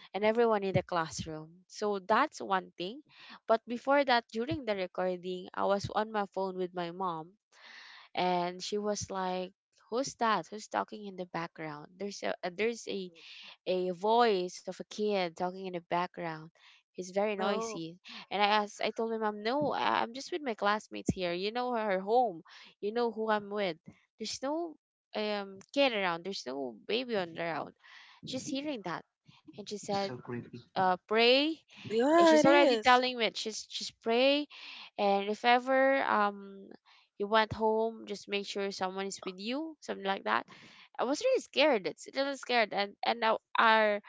A: and everyone in the classroom. So that's one thing. But before that, during the recording, I was on my phone with my mom, and she was like, who's talking in the background? There's a voice of a kid talking in the background. He's very
B: No.
A: noisy. And I told my mom, no, I'm just with my classmates here. You know her home, you know who I'm with. There's no kid around, there's no baby on around. Just hearing that, and she said,
C: So creepy.
A: pray. And
B: Yeah,
A: she's
B: it
A: already
B: is.
A: telling me, she's pray, and if ever you went home, just make sure someone is with you, something like that. I was really scared. It's a little scared, and now our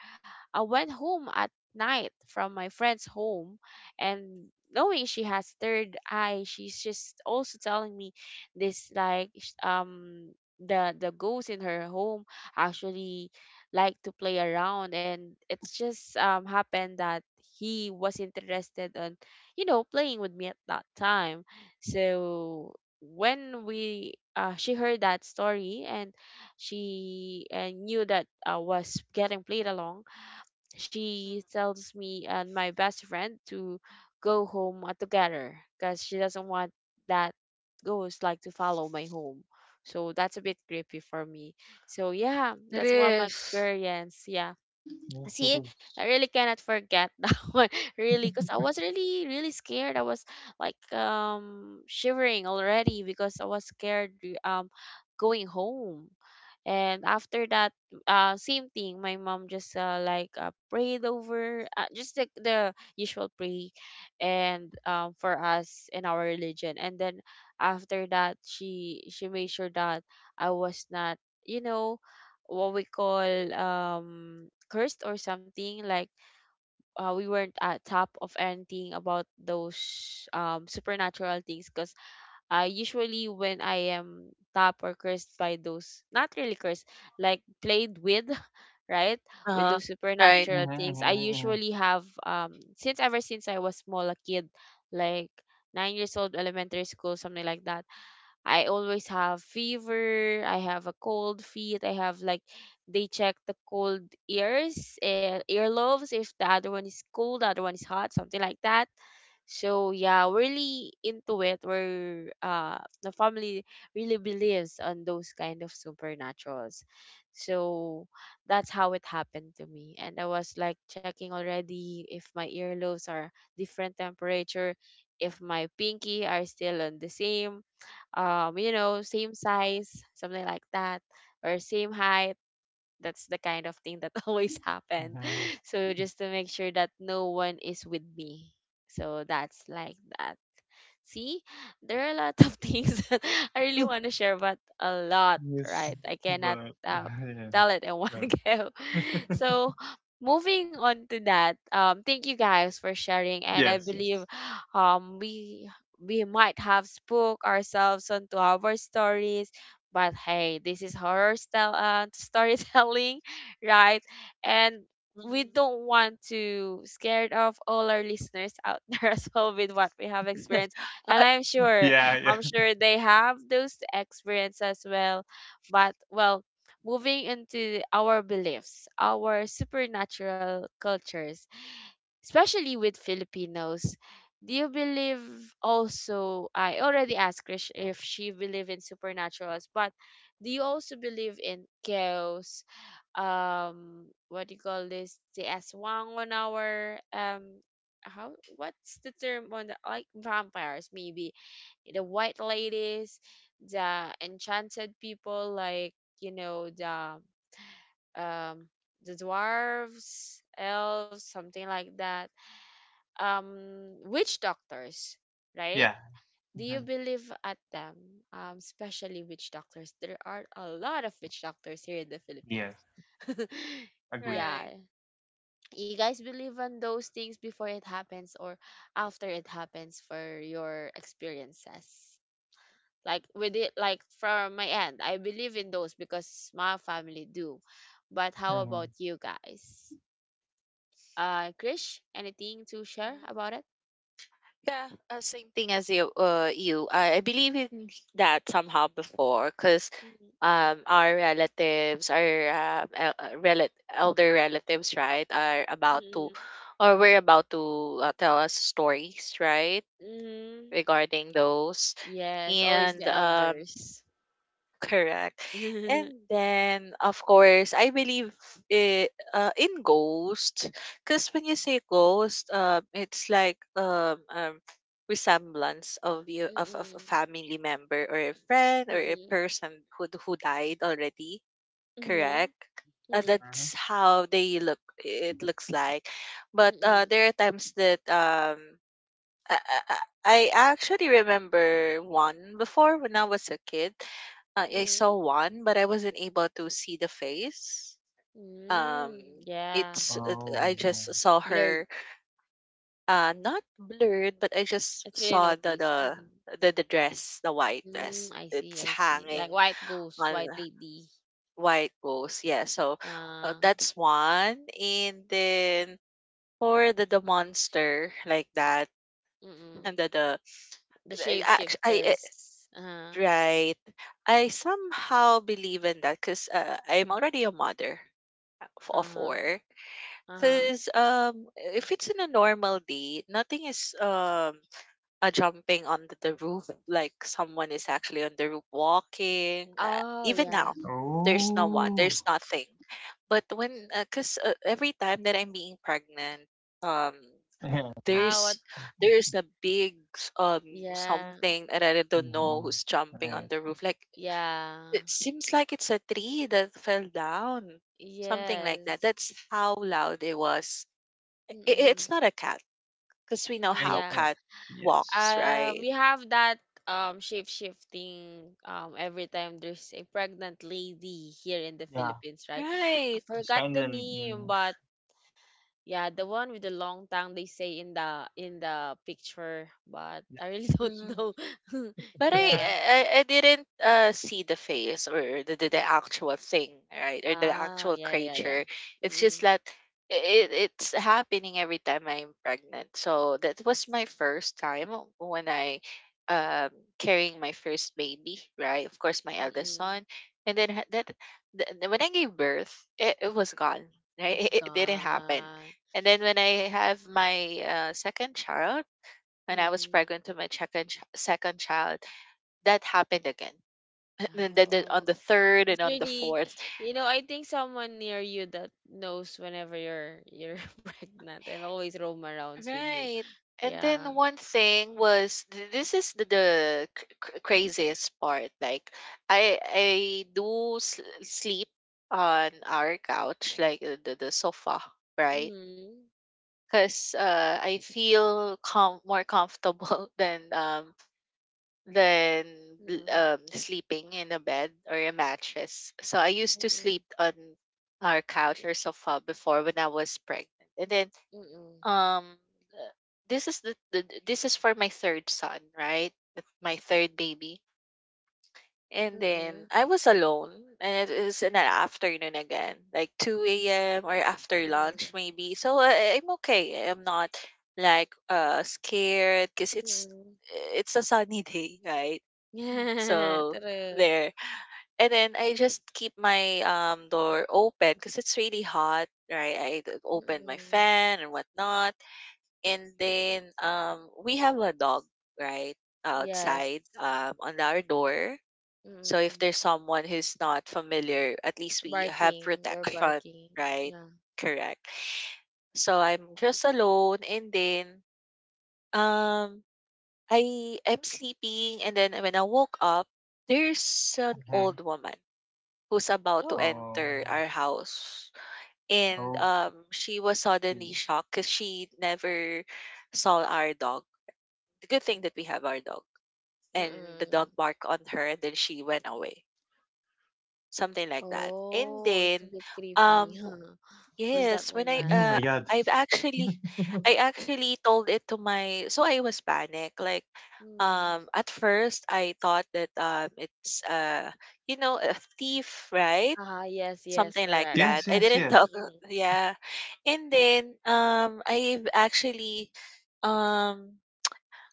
A: I went home at night from my friend's home, and knowing she has third eye, she's just also telling me this, the ghosts in her home actually like to play around, and it's just happened that he was interested on playing with me at that time. So when we she heard that story, and she knew that I was getting played along, she
B: Mm.
A: tells me and my best friend to go home together, because she doesn't want that ghost like to follow my home. So that's a bit creepy for me. So yeah,
B: It
A: that's what my
B: is.
A: experience, yeah.
C: Yes, it
A: See, I
C: is.
A: really cannot forget that one, really, because I was really, really scared. I was like shivering already because I was scared going home. And after that, same thing. My mom just like prayed over, just like the usual pray, and for us in our religion. And then after that, she made sure that I was not, you know, what we call cursed or something like, we weren't at top of anything about those supernatural things, because usually when I am top or cursed by those, not really cursed, like played with right,
B: Uh
A: with
B: huh.
A: those
B: Right.
A: supernatural things, I
C: Mm-hmm,
A: usually have since ever since I was small a kid, like 9 years old, elementary school, something like that, I always have fever, I have a cold feet, I have like, they check the cold ears and earlobes, if the other one is cold, the other one is hot, something like that. So yeah, we're really into it. We're the family really believes on those kind of supernaturals. So that's how it happened to me. And I was like checking already if my earlobes are different temperature, if my pinky are still on the same size, something like that, or same height. That's the kind of thing that always happen.
C: mm-hmm,
A: So just to make sure that no one is with me. So that's like that. See, there are a lot of things that I really want to share, but a lot,
C: yes.
A: right? I cannot
C: But
A: uh,
C: yeah.
A: tell it in one
C: No.
A: go. So, moving on to that, thank you guys for sharing, and I
C: Yes. Yes.
A: believe um, we we might have spoke ourselves onto our stories. But hey, this is horror style storytelling, right? And we
B: Mm-hmm.
A: don't want to scared off all our listeners out there as well with what we have experienced, and I'm sure,
C: Yeah. Yeah.
A: I'm sure they have those experience as well. But well, moving into our beliefs, our supernatural cultures, especially with Filipinos, do you believe also? I already asked Krish if she believe in supernaturals, but do you also believe in chaos, what do you call this, the aswang on our how what's the term on the, like, vampires maybe, the white ladies, the enchanted people, like you know the um the dwarves, elves, something like that, witch doctors, right?
C: Yeah.
A: Do you
C: Hmm.
A: believe at them, especially witch doctors? There are a lot of witch doctors here in the
C: Yes.
A: Philippines.
C: Agree.
A: Yeah.
B: Right.
A: You guys believe on those things before it happens, or after it happens for your experiences? Like with it, like from my end, I believe in those because my family do. But how
C: Hmm.
A: about you guys? Krish, anything to share
B: Mm-hmm.
A: about it?
B: Yeah, same thing as you. I believe in that somehow before, because
A: Mm,
B: our relatives, our elder relatives, right, are about
A: mm,
B: to, or we're about to tell us stories, right,
A: mm.
B: regarding those,
A: Yes, always
B: and
A: the elders.
B: Correct. And then, of course, I believe in ghosts. Because when you say ghost, it's like resemblance of you of a
A: Mm,
B: family member or a friend or a
A: mm,
B: person who died already.
A: mhm,
B: Correct.
A: mm,
C: Hmm.
B: That's how they look. It looks like, but
A: mm,
B: there are times that um I, I I actually remember one before when I was a kid. I saw
A: mhm,
B: one, but I wasn't able to see the face. Um,
A: mm. Yeah,
B: it's I
C: Oh. Wow.
B: just saw
A: blurred.
B: her, not blurred, but I just
A: It's really
B: saw
A: no face. Mm,
B: the dress, the white
A: mm,
B: dress.
A: I see,
B: It's
A: I see.
B: hanging
A: Like white ghost,
B: on
A: white lady.
B: white rose. Yeah, so
A: Uh,
B: that's one, and then for the monster like that, and
A: mm,
B: the
A: the
B: I, act- I
A: shapeshifters.
B: Right. I somehow believe in that because I'm already a mother of
A: Uh,
B: four.
A: uh.
B: Because if it's in a normal day, nothing is jumping on the roof like someone is actually on the roof walking.
A: Oh
B: Even
A: yeah.
B: now, there's no one,
C: Oh.
B: there's nothing. But when, because every time that I'm being pregnant, um,
C: Yeah. Yeah.
A: Ah, what?
B: there's there's a big
A: Yeah,
B: something that I don't know
C: Hmm.
B: who's jumping on
C: Yeah.
B: the roof. Like
A: yeah,
B: it seems like it's a tree that fell down, something like that.
A: yes.
B: That's how loud it was.
A: Mm,
B: It's not a cat because we
A: mm,
B: know
A: mm,
C: I,
B: how
A: yeah.
C: yeah.
B: cat
C: Yes.
B: walks,
A: We
B: right?
A: have that shape shifting every time there's a pregnant lady here in the
C: Yeah.
A: Philippines, right? I
B: Right.
C: It's
A: forgot
C: kind
A: the
C: of.
A: name,
C: Mm-hmm.
A: but yeah, the one with the long tongue they say in the picture, but I really don't know.
B: But I
A: Yeah.
B: I, I didn't see the face or the actual thing, right? Or the
A: Ah,
B: actual
A: yeah, yeah, yeah.
B: creature. It's just
A: Mm-mm.
B: that it's happening every time I'm pregnant. So that was
A: It's,
B: my first time when I um carrying my first baby, right? Of course, my eldest
A: mm-mm.
B: son. And then when I gave birth, it was gone. Right?
A: It's
B: It didn't happen.
A: gone.
B: And then when I have my second child, when I was
A: mm
B: pregnant to my second child, that happened again. And then on the
A: Oh,
B: 3rd
A: it's
B: and on the
A: really,
B: 4th.
A: I think someone near you that knows whenever you're pregnant and always roam arounds with you.
B: Right. And
A: Yeah.
B: then one thing was this is the craziest part. Like I do sleep on our couch, like the sofa, right?
A: Mm.
B: Because I feel more comfortable than um than l-
A: Mm.
B: um, sleeping in a bed or a mattress. So I used to
A: Mm.
B: sleep on our couch or sofa before when I was pregnant. And then
A: Mm.
B: um uh, this is this is for my third son, right? That's my third baby. And then
A: Hmm.
B: I was alone and it is in the afternoon again, like 2 a.m. or after lunch
A: Mm.
B: maybe. So I'm okay. I'm not like scared because
A: Hmm.
B: it's a sunny day, right?
A: Yeah.
B: So,
A: True.
B: there. And then I just keep my door open because it's really hot, right? I open my
A: Mm.
B: fan and whatnot. And then we have a dog, right?
A: Yes.
B: Outside, on our door. So if
A: Mm.
B: there's someone who's not familiar, at least we have
A: Barking. They're
B: protection,
A: barking.
B: right?
A: Yeah.
B: Correct. So I'm just alone and then um I am sleeping and then when I woke up, there's an old woman who's about to
A: Oh.
B: enter
C: Oh,
B: our house. And
C: okay.
B: she was suddenly shocked because she never saw our dog. The good thing that we have our dog. And the
A: Mm.
B: dog barked on her and then she went away. Something like that. And
A: Oh, it's a
B: then
A: bit creepy.
B: um w-
A: Who's that
B: yes, when I
C: Oh
A: woman?
C: my God.
B: I've actually I actually told it to my, so I was panicked. Like
A: Hmm.
B: at first I thought that it's you know a thief, right?
A: Ah, yes, yes,
B: Something like
A: correct.
B: that.
C: Yes,
B: I
C: yes,
B: didn't
C: yes.
B: talk
A: Mm-mm.
B: yeah. And then I've actually um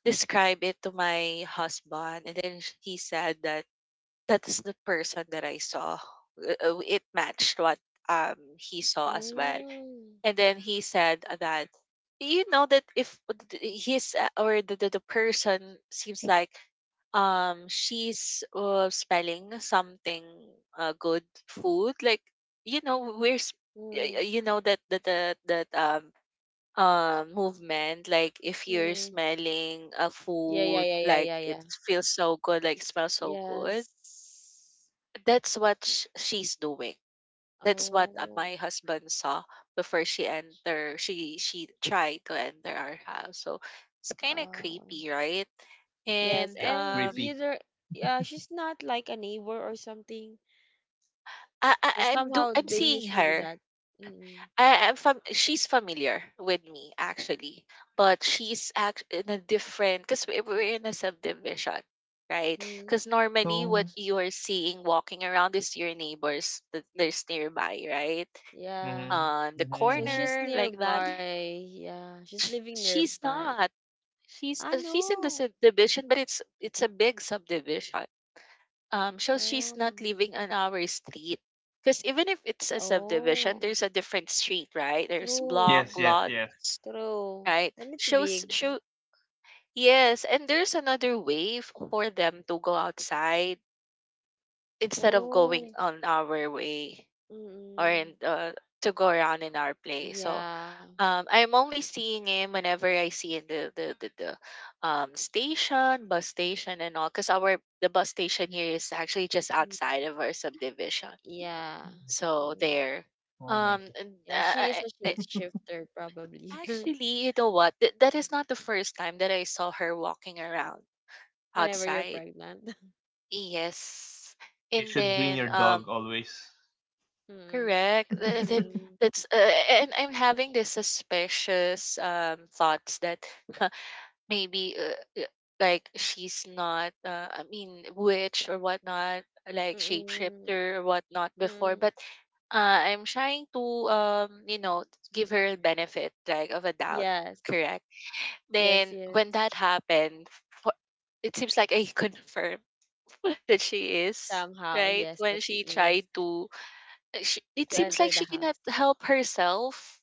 B: described it to my husband and then he said that that is the person that I saw. It matched what he saw as well.
A: Mm,
B: And then he said that you know that if his or the person seems like she's smelling something good food like you know we're s- y- y-
A: mm,
B: you know that that movement like if you're
A: mm.
B: smelling a
A: Yeah, yeah,
B: food
A: yeah, yeah,
B: like
A: yeah,
B: it
A: yeah.
B: feels so good like smells so good,
A: Yes.
B: that's what she's doing, that's what
A: Oh,
B: my husband saw before she enter. She tried to enter our house, so it's kind of
A: uh,
B: creepy, right?
C: It's
A: yes.
B: And
C: really
A: And
C: creepy.
A: either, yeah, she's not like a neighbor or something. But somehow
B: I'm
A: they
B: seeing
A: usually
B: her.
A: that. Mm-mm.
B: I'm she's familiar with me actually, but she's act in a different because we're in a subdivision, right?
A: Mm,
B: Because normally what
C: So,
B: you are seeing walking around is your neighbors that there's nearby, right?
A: yeah.
C: mm-hmm,
B: On the
C: mm-hmm,
A: So
C: hmm.
A: she's
B: corner like that,
A: nearby. Yeah, she's living
B: she's
A: nearby.
B: not. She's
A: Ah,
B: she's in the
A: no.
B: subdivision, but it's a big subdivision. So she's
A: Oh,
B: not living on our street because even if it's a subdivision,
A: oh,
B: there's a different street, right? There's block,
A: true.
C: Yes, yes,
B: lots,
C: yes.
A: True,
B: right?
A: and it's
B: Shows
A: big.
B: show yes, and there's another way for them to go outside instead of going
A: Oh,
B: on our way, or
A: mm-mm.
B: in the, to go around in our place. So
A: Yeah.
B: I'm only seeing him whenever I see in the station, bus station, and all. Because our the bus station here is actually just
A: Mm,
B: outside of our subdivision.
A: yeah.
B: So
A: Mm.
B: there,
C: Oh my God.
B: and,
A: Yeah, she is a shape shifter probably
B: actually, you know what? That is not the first time that I saw her walking around
A: whenever you're
B: outside.
A: pregnant.
B: Yes,
C: You
B: and
C: should bring
B: then
C: your dog
B: um.
C: always.
A: Mm.
B: Correct.
A: Mm.
B: That's and I'm having this suspicious thoughts that maybe like she's not I mean witch or whatnot, like
A: Mm-mm.
B: shapeshifter or whatnot before,
A: Mm.
B: but I'm trying to you know give her a benefit like of a doubt.
A: Yes.
B: Correct.
A: Yes,
B: Then when that
A: yes.
B: happened, for, it seems like I confirmed that she is
A: Somehow,
B: right
A: yes,
B: when
A: that she
B: she tried
A: is
B: to she it
A: to
B: seems like
A: enter the
B: she cannot
A: house.
B: help herself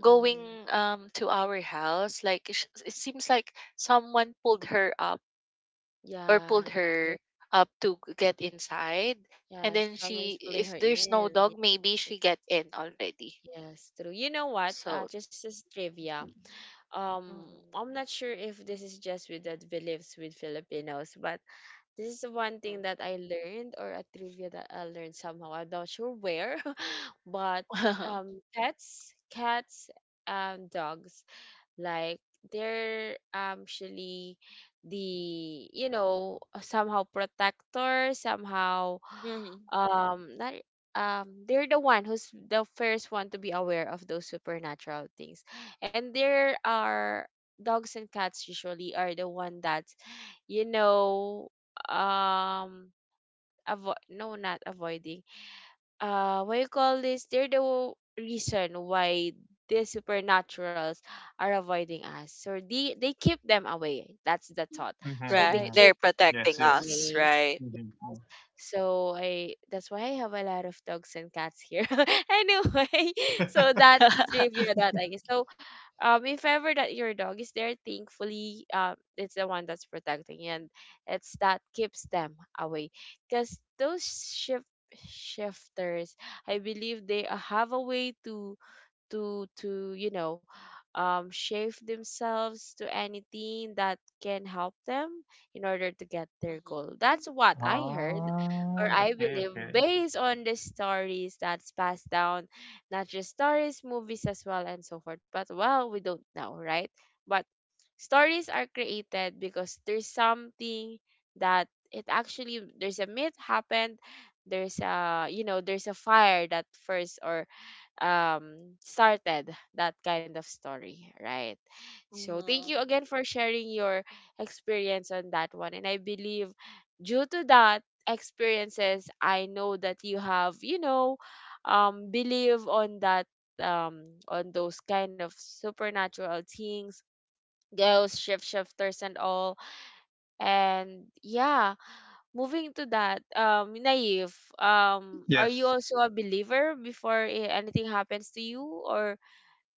B: going to our house like it seems like someone pulled her up or
A: Yeah,
B: pulled
A: true.
B: her up to get inside, and
A: Yeah,
B: then she,
A: someone's pulling
B: if
A: her
B: there's no
A: in.
B: dog, maybe she get in already.
A: Yes, true. You know what?
B: So
A: Just as trivia. um
B: Mhm.
A: I'm not sure if this is just with the beliefs with Filipinos, but this is the one
B: Mm.
A: thing that I learned or a trivia that I learned somehow. I'm not sure where, but pets, cats, and dogs like they're actually the somehow protector somehow
B: Mhm.
A: not they're the one who's the first one to be aware of those supernatural things, and there are dogs and cats usually are the one that you know um avoid, no, not avoiding, what you call this, they're the reason why these supernaturals are avoiding us, so they keep them away. That's the thought, so
C: Mm-hmm,
A: they
B: Right.
C: mm.
A: keep
B: They're
C: Yes,
B: protecting
C: yes. Yes.
B: us,
A: away.
B: right?
C: Mm-hmm.
A: So I that's why I have a lot of dogs and cats here. Anyway, so that's the trivia that I guess. So if ever that your dog is there, thankfully it's the one that's protecting you, and it's that keeps them away. Because those shifters, I believe they have a way to to to you know shape themselves to anything that can help them in order to get their
B: Mhm.
A: goal. That's what I heard, or
C: Ah,
A: I
C: okay,
A: believe,
C: okay.
A: based on the stories that's passed down, not just stories, movies as well and so forth, but well, we don't know, right? But stories are created because there's something that it actually there's a myth happened, there's a there's a fire that first or started that kind of story, right? So thank
B: Mhm.
A: you again for sharing your experience on that one, and I believe due to that experiences I know that you have believe on that, on those kind of supernatural things, ghosts, shift shifters and all. And yeah, moving to that, Naive, are you
C: Yes.
A: also a believer before anything happens to you? Or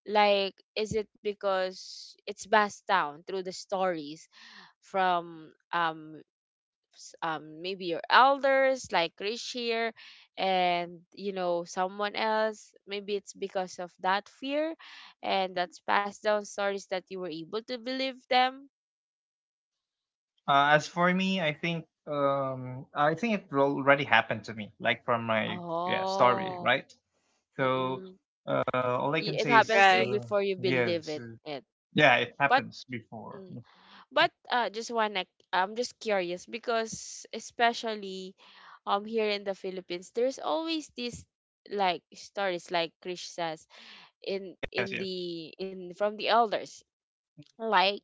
A: like, is it because it's passed down through the stories from maybe your elders, like Krish here, and you know someone else? Maybe it's because of that fear, and that's passed down stories that you were able to believe them.
C: As for me, I think, I think it al- already happened to me, like from my, yeah, story,
A: Oh,
C: right? So
A: mm-mm.
C: all I can
A: It
C: say is,
A: happens to you
B: Right.
A: before you believe it.
C: yes. Yeah, it
A: But,
C: happens before.
A: mm, but just wanna, I'm just curious because especially, here in the Philippines, there's always this like stories like Krish says in
C: Yes,
A: in
C: yes.
A: the in from the elders, like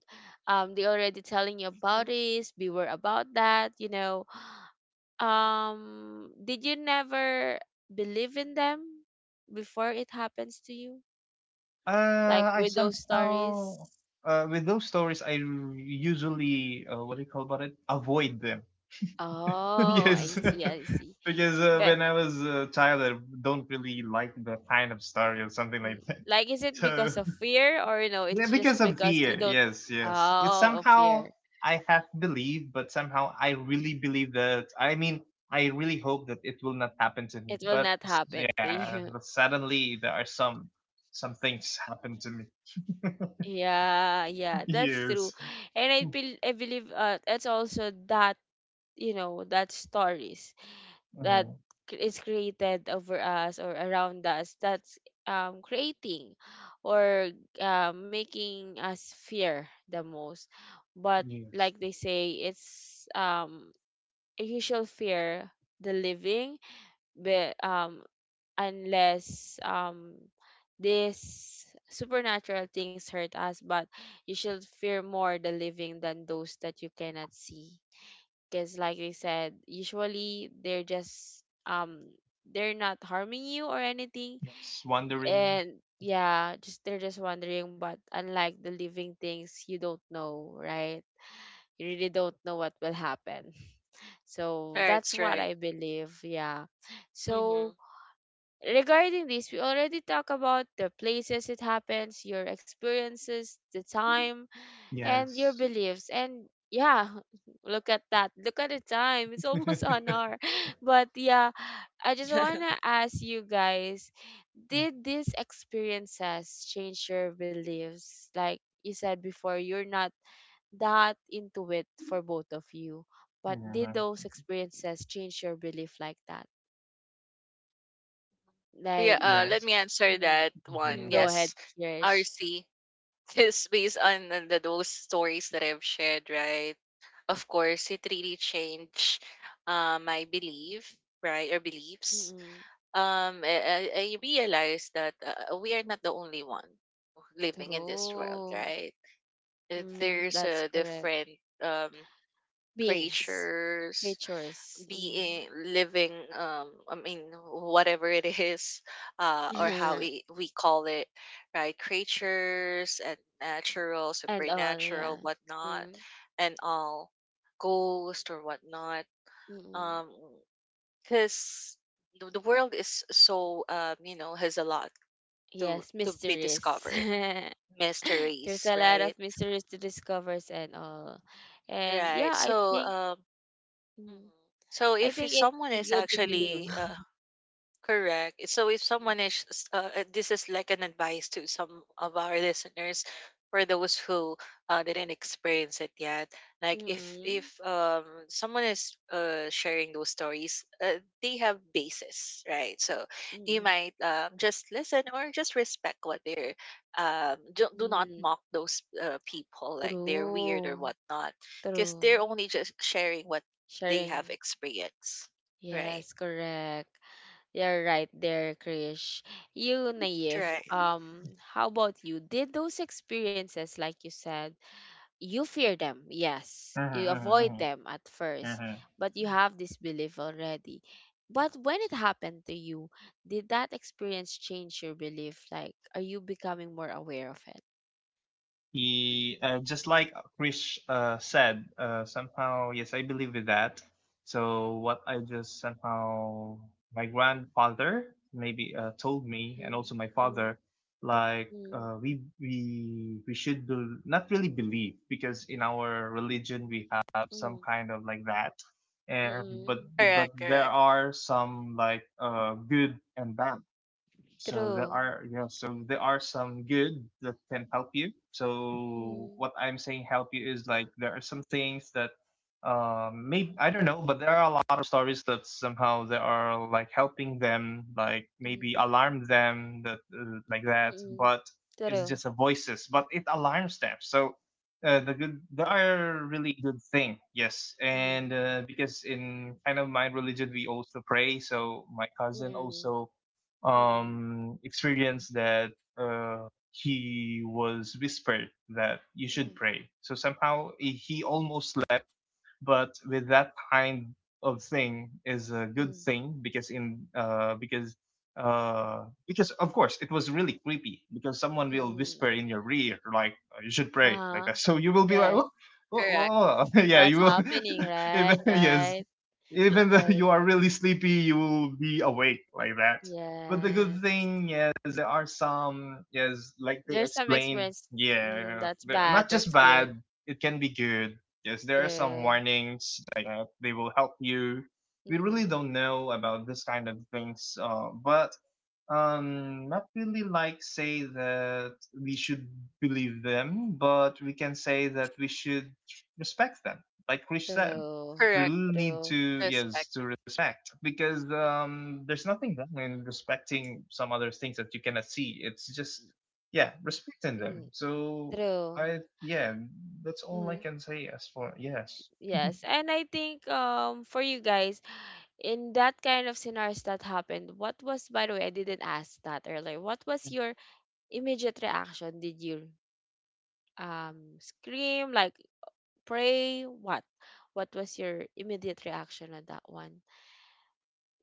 A: they already telling you about
B: Mhm.
A: this, beware about that, you know. Did you never believe in them before it happens to you? Like
C: I
A: with those stories?
C: somehow, with those stories, I usually, what do you call about it? Avoid them.
A: Oh, I
C: Yes,
A: see, I see.
C: because
A: But
C: when I was a child, I don't really like the kind of story or something
A: mm,
C: like that.
A: like is it
C: So
A: because of fear, or no, it's
C: yeah,
A: just
C: because of
A: because you
C: fear.
A: don't
C: Yes, yes. It's
A: oh of
C: somehow
A: fear.
C: I have believed, but somehow I really believe that. I mean, I really hope that it will not happen to me.
A: It will
C: But,
A: not happen to
C: yeah,
A: you.
C: but suddenly there are some things happen to me.
A: Yeah, yeah, that's true.
C: Yes.
A: And I feel I believe that's also that, you know, that stories, that
C: Uh,
A: is created over us or around us, that's creating or making us fear the most. But
C: yes.
A: like they say, it's you shall fear the living, but unless these supernatural things hurt us, but you should fear more the living than those that you cannot see, because like they said, usually they're just they're not harming you or anything,
C: Yes. Wondering.
A: and yeah, just they're just wondering. But unlike the living things, you don't know, right? You really don't know what will happen. So that's
B: That's
A: what
B: right.
A: I believe, yeah.
B: Mm-hmm.
A: So regarding this, we already talk about the places it happens, your experiences, the time, and your
C: Yes.
A: beliefs. And yeah, look at that. Look at the time. It's almost an hour. But yeah, I just want to ask you guys, did these experiences change your beliefs? Like you said before, you're not that into it for both of you. But
C: Yeah.
A: did those experiences change your belief like that?
B: Yeah,
A: Like,
B: let
C: Yes.
B: me answer
A: mm,
B: that one.
A: mm, go ahead,
B: Yes,
A: Krish.
B: RC is based on the, those stories that I've shared, right? Of course, it really changed my belief, right, or beliefs.
A: Mm-mm.
B: I realized that we are not the only one living in this world,
A: True.
B: right?
A: Mm,
B: There's
A: that's
B: a
A: correct.
B: different
A: Beings,
B: creatures
A: creatures, mm.
B: being living um i mean whatever it is or how we call it, right? Creatures and natural
A: And all, yeah.
B: supernatural whatnot
A: Mm.
B: and all, ghost or whatnot,
A: Mm.
B: um because the world is so you know has a lot
A: Yes,
B: to be
A: mysteries.
B: discovered,
A: There's a
B: mysteries,
A: lot of
B: right?
A: mysteries to discover and all. And yeah,
B: Right.
A: I
B: So
A: think
B: um,
A: mm,
B: mhm. So
A: I
B: if you-
A: think
B: someone
A: it's
B: is
A: good to believe.
B: actually Correct. So if someone is, this is like an advice to some of our listeners, for those who didn't experience it yet. Like if
A: Mm-mm.
B: someone is sharing those stories, they have basis, right? So you
A: Mm,
B: might just listen or just respect what they're. Do, do not
A: mm.
B: mock those people like they're weird or
A: True.
B: whatnot, because they're
A: True.
B: only just sharing what they have
A: Sharing.
B: experienced, right?
A: Yes, correct. You're right there, Krish. You, Naive.
B: Right.
A: Um, how about you? Did those experiences, like you said, you fear them, yes. You avoid them at first, but you have this belief already. But when it happened to you, did that experience change your belief? Like, are you becoming more aware of it?
C: He, just like Krish said, somehow, yes, I believe in that. So what I just somehow, my grandfather maybe told me, and
A: Mm,
C: also my
A: mm,
C: father, like
A: mm,
C: we should bel not really believe, because in our religion we have
A: mm,
C: some kind of like that, and but
A: mm.
C: but
B: Correct.
C: there
B: Correct.
C: are some like, good and bad. So there
A: True.
C: are, yeah, so there are some good that can help you. So
A: Mm,
C: what I'm saying help you is, like there are some things that, maybe I don't know, but there are a lot of stories that somehow they are like helping them, like
A: mm,
C: maybe alarm them that, like that,
A: mm.
C: but it's
A: True.
C: just a voices, but it alarms them. So the good, there are really good thing, yes,
A: Mm,
C: and because in kind of my religion we also pray. So my cousin
A: mm,
C: also
A: mm,
C: experience that, he was whispered that you
A: mm.
C: should pray. So somehow he almost, but with that kind of thing is a good
A: Mm,
C: thing, because in because of course it was really creepy, because someone
A: mm.
C: will whisper
A: Mm.
C: in your ear like, "Oh, you should pray
A: Uh-huh.
C: like that." So you will be like,
A: Yes.
C: oh, oh,
B: Correct.
C: oh. Yeah, you
A: What's
C: will,
A: happening, right?
C: even, yes,
A: Right.
C: even though
A: Right.
C: you are really sleepy, you will be awake like that. But the good
A: Yes.
C: thing is, there are some, yes, like they
A: There's some
C: explained,
A: experience mm,
C: yeah,
A: that's
C: they're
A: bad,
C: not
A: that's
C: just
A: good.
C: bad, it can be good. Yes, there are some
A: True.
C: warnings. Like they will help you. We really
A: Mm,
C: don't know about this kind of things, but not really like say that we should believe them, but we can say that we should respect them. Like Krish said,
A: true.
C: we
B: Correct.
C: really need
A: True.
C: to, yes,
B: Respect.
C: to respect, because there's nothing wrong in respecting some other things that you cannot see. It's just, yeah, respecting them.
A: Mm,
C: So
A: true.
C: I, yeah, that's all I
A: Mm,
C: can say as for, yes.
A: yes. And I think for you guys, in that kind of scenarios that happened, what was, by the way, I didn't ask that earlier, what was your immediate reaction? Did you scream, like pray, what? What was your immediate reaction on that one?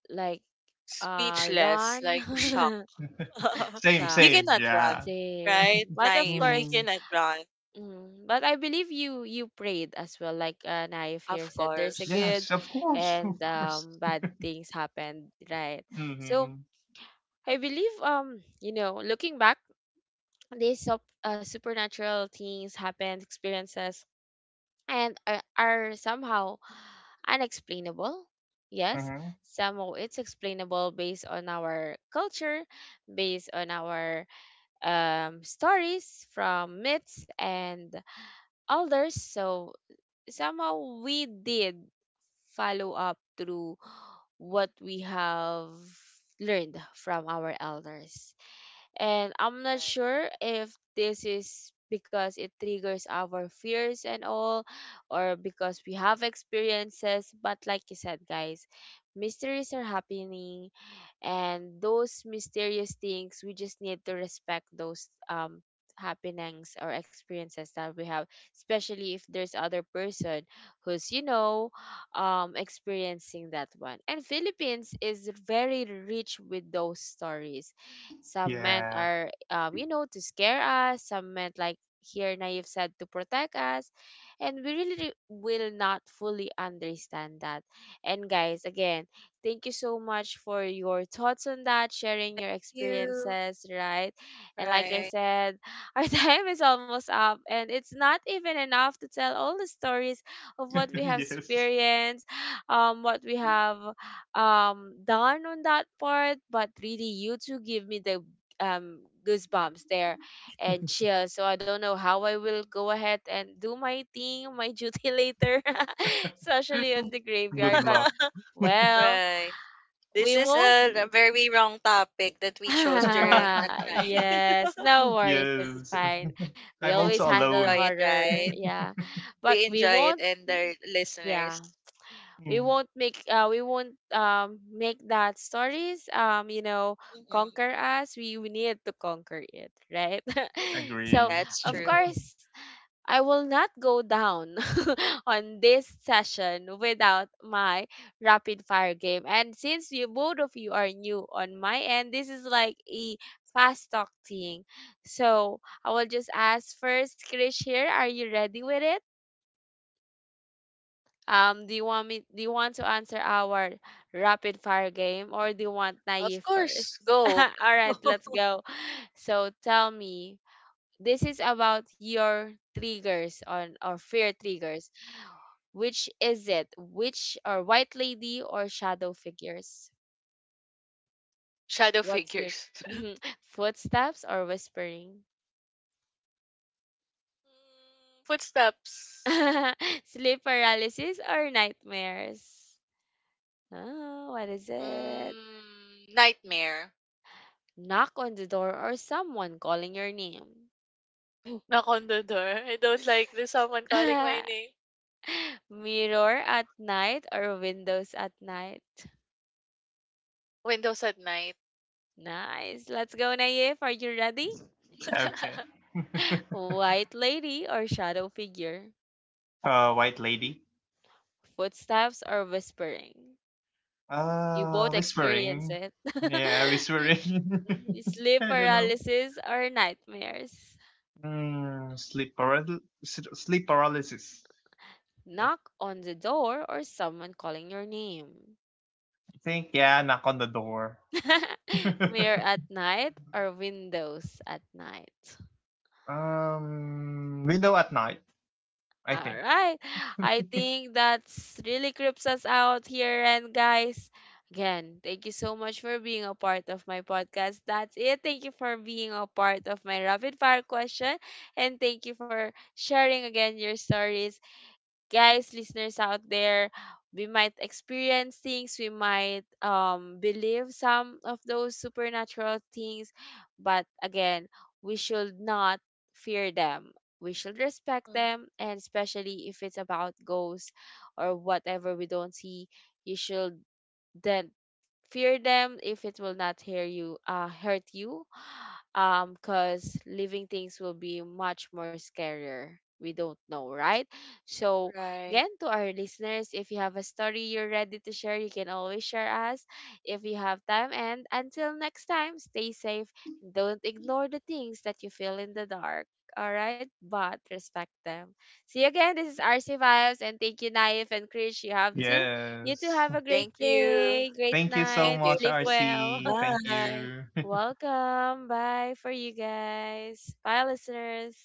A: Like
B: Speechless,
A: run.
B: like shocked.
C: Same,
B: You
A: Shock,
C: same,
B: cannot run,
C: yeah.
B: right?
A: same, but of
B: Naive. You
A: course,
C: Hmm.
B: cannot run.
A: mm, but I believe you you prayed as well, like Naif
B: Of
A: here said there's a
B: course.
A: good
C: Yes, of course, of
A: and
C: course.
A: bad things happened, right? So
C: Hmm.
A: I believe you know, looking back, these supernatural things happened, experiences, and are somehow unexplainable. Yes,
C: Hmm.
A: somehow it's explainable based on our culture, based on our stories from myths and elders. So somehow we did follow up through what we have learned from our elders. And I'm not
B: Right.
A: sure if this is because it triggers our fears and all, or because we have experiences. But like you said, guys, mysteries are happening, and those mysterious things, we just need to respect those happenings or experiences that we have, especially if there's other person who's you know experiencing that one. And Philippines is very rich with those stories. Some men
C: Yeah.
A: are, you know, to scare us. Some men, like here Naive said, to protect us. And we really will not fully understand that. And guys, again, thank you so much for your thoughts on that, sharing your
B: You.
A: experiences, right? And like I
B: Right.
A: said, our time is almost up, and it's not even enough to tell all the stories of what we have
C: Yes.
A: experienced, what we have done on that part. But really, you two give me the um goosebumps there and chill, so I don't know how I will go ahead and do my thing, my duty later. Especially on the
C: Good
A: graveyard, but
C: luck.
A: well,
B: Right. This
A: we
B: is
A: won't
B: a very wrong topic that we chose during a
A: yes,
B: time.
A: no worries, it's
C: Yes.
A: fine. We
C: I'm
B: But at
A: always
C: also
B: least we
A: handle
B: enjoy
C: alone.
B: it,
A: horror,
B: right?
A: yeah, but
B: We
A: we
B: enjoy it
A: won't
B: and the
A: yeah,
B: listeners.
C: Mm.
A: we won't make that stories you know,
B: Mhm.
A: conquer us. We need to conquer it, right? So
C: Agree.
B: That's
A: of
B: true.
A: course I will not go down on this session without my rapid fire game. And since you both of you are new on my end, this is like a fast talk thing. So I will just ask first, Krish here, are you ready with it? Do you want me? Do you want to answer our rapid fire game, or do you want
B: Of
A: Naive first?
B: course. Go.
A: All right, let's go. So tell me, this is about your triggers on or fear triggers. Which is it? Which or white lady or shadow figures?
B: Shadow
A: What's your
B: figures.
A: footsteps or whispering?
B: Hmm, footsteps.
A: Sleep paralysis or nightmares? Oh, what is it?
B: Mm, nightmare.
A: Knock on the door, or someone calling your name?
B: Knock on the door. I don't like there's someone calling my name.
A: Mirror at night or windows at night?
B: Windows at night.
A: Nice. Let's go, Naif. Are you ready?
C: Okay.
A: White lady or shadow figure.
C: Uh, white lady.
A: Footsteps or whispering. You both experience
C: Whispering.
A: it.
C: Yeah, whispering.
A: Sleep
C: I don't know.
A: paralysis or nightmares.
C: Mm, sleep paralysis. Sleep paralysis. I
A: Knock on the door or someone calling your name.
C: think, yeah, knock on the door.
A: Mirror at night or windows at night?
C: Um, window at night. I
A: All
C: think.
A: right. I think that's really creeps us out here. And guys, again, thank you so much for being a part of my podcast. That's it. Thank you for being a part of my rapid fire question. And thank you for sharing again your stories. Guys, listeners out there, we might experience things, we might believe some of those supernatural things, but again, we should not fear them. We should respect
B: Mm,
A: them, and especially if it's about ghosts or whatever we don't see, you should then fear them if it will not hear you, hurt you, because living things will be much more scarier. We don't know, right? So
B: right.
A: again, to our listeners, if you have a story you're ready to share, you can always share us if you have time. And until next time, stay safe, and don't ignore the things that you feel in the dark. All right? But respect them. See you again. This is RC Vibes, and thank you, Naif and Krish. You have to, you too,
C: Yes.
A: have a great
B: Thank you.
A: day, great
C: Thank you so
B: Thank
A: night,
B: you.
C: much,
A: sleep well.
C: RC. Thank
B: Bye.
C: you.
A: Welcome. Bye for you guys. Bye, listeners.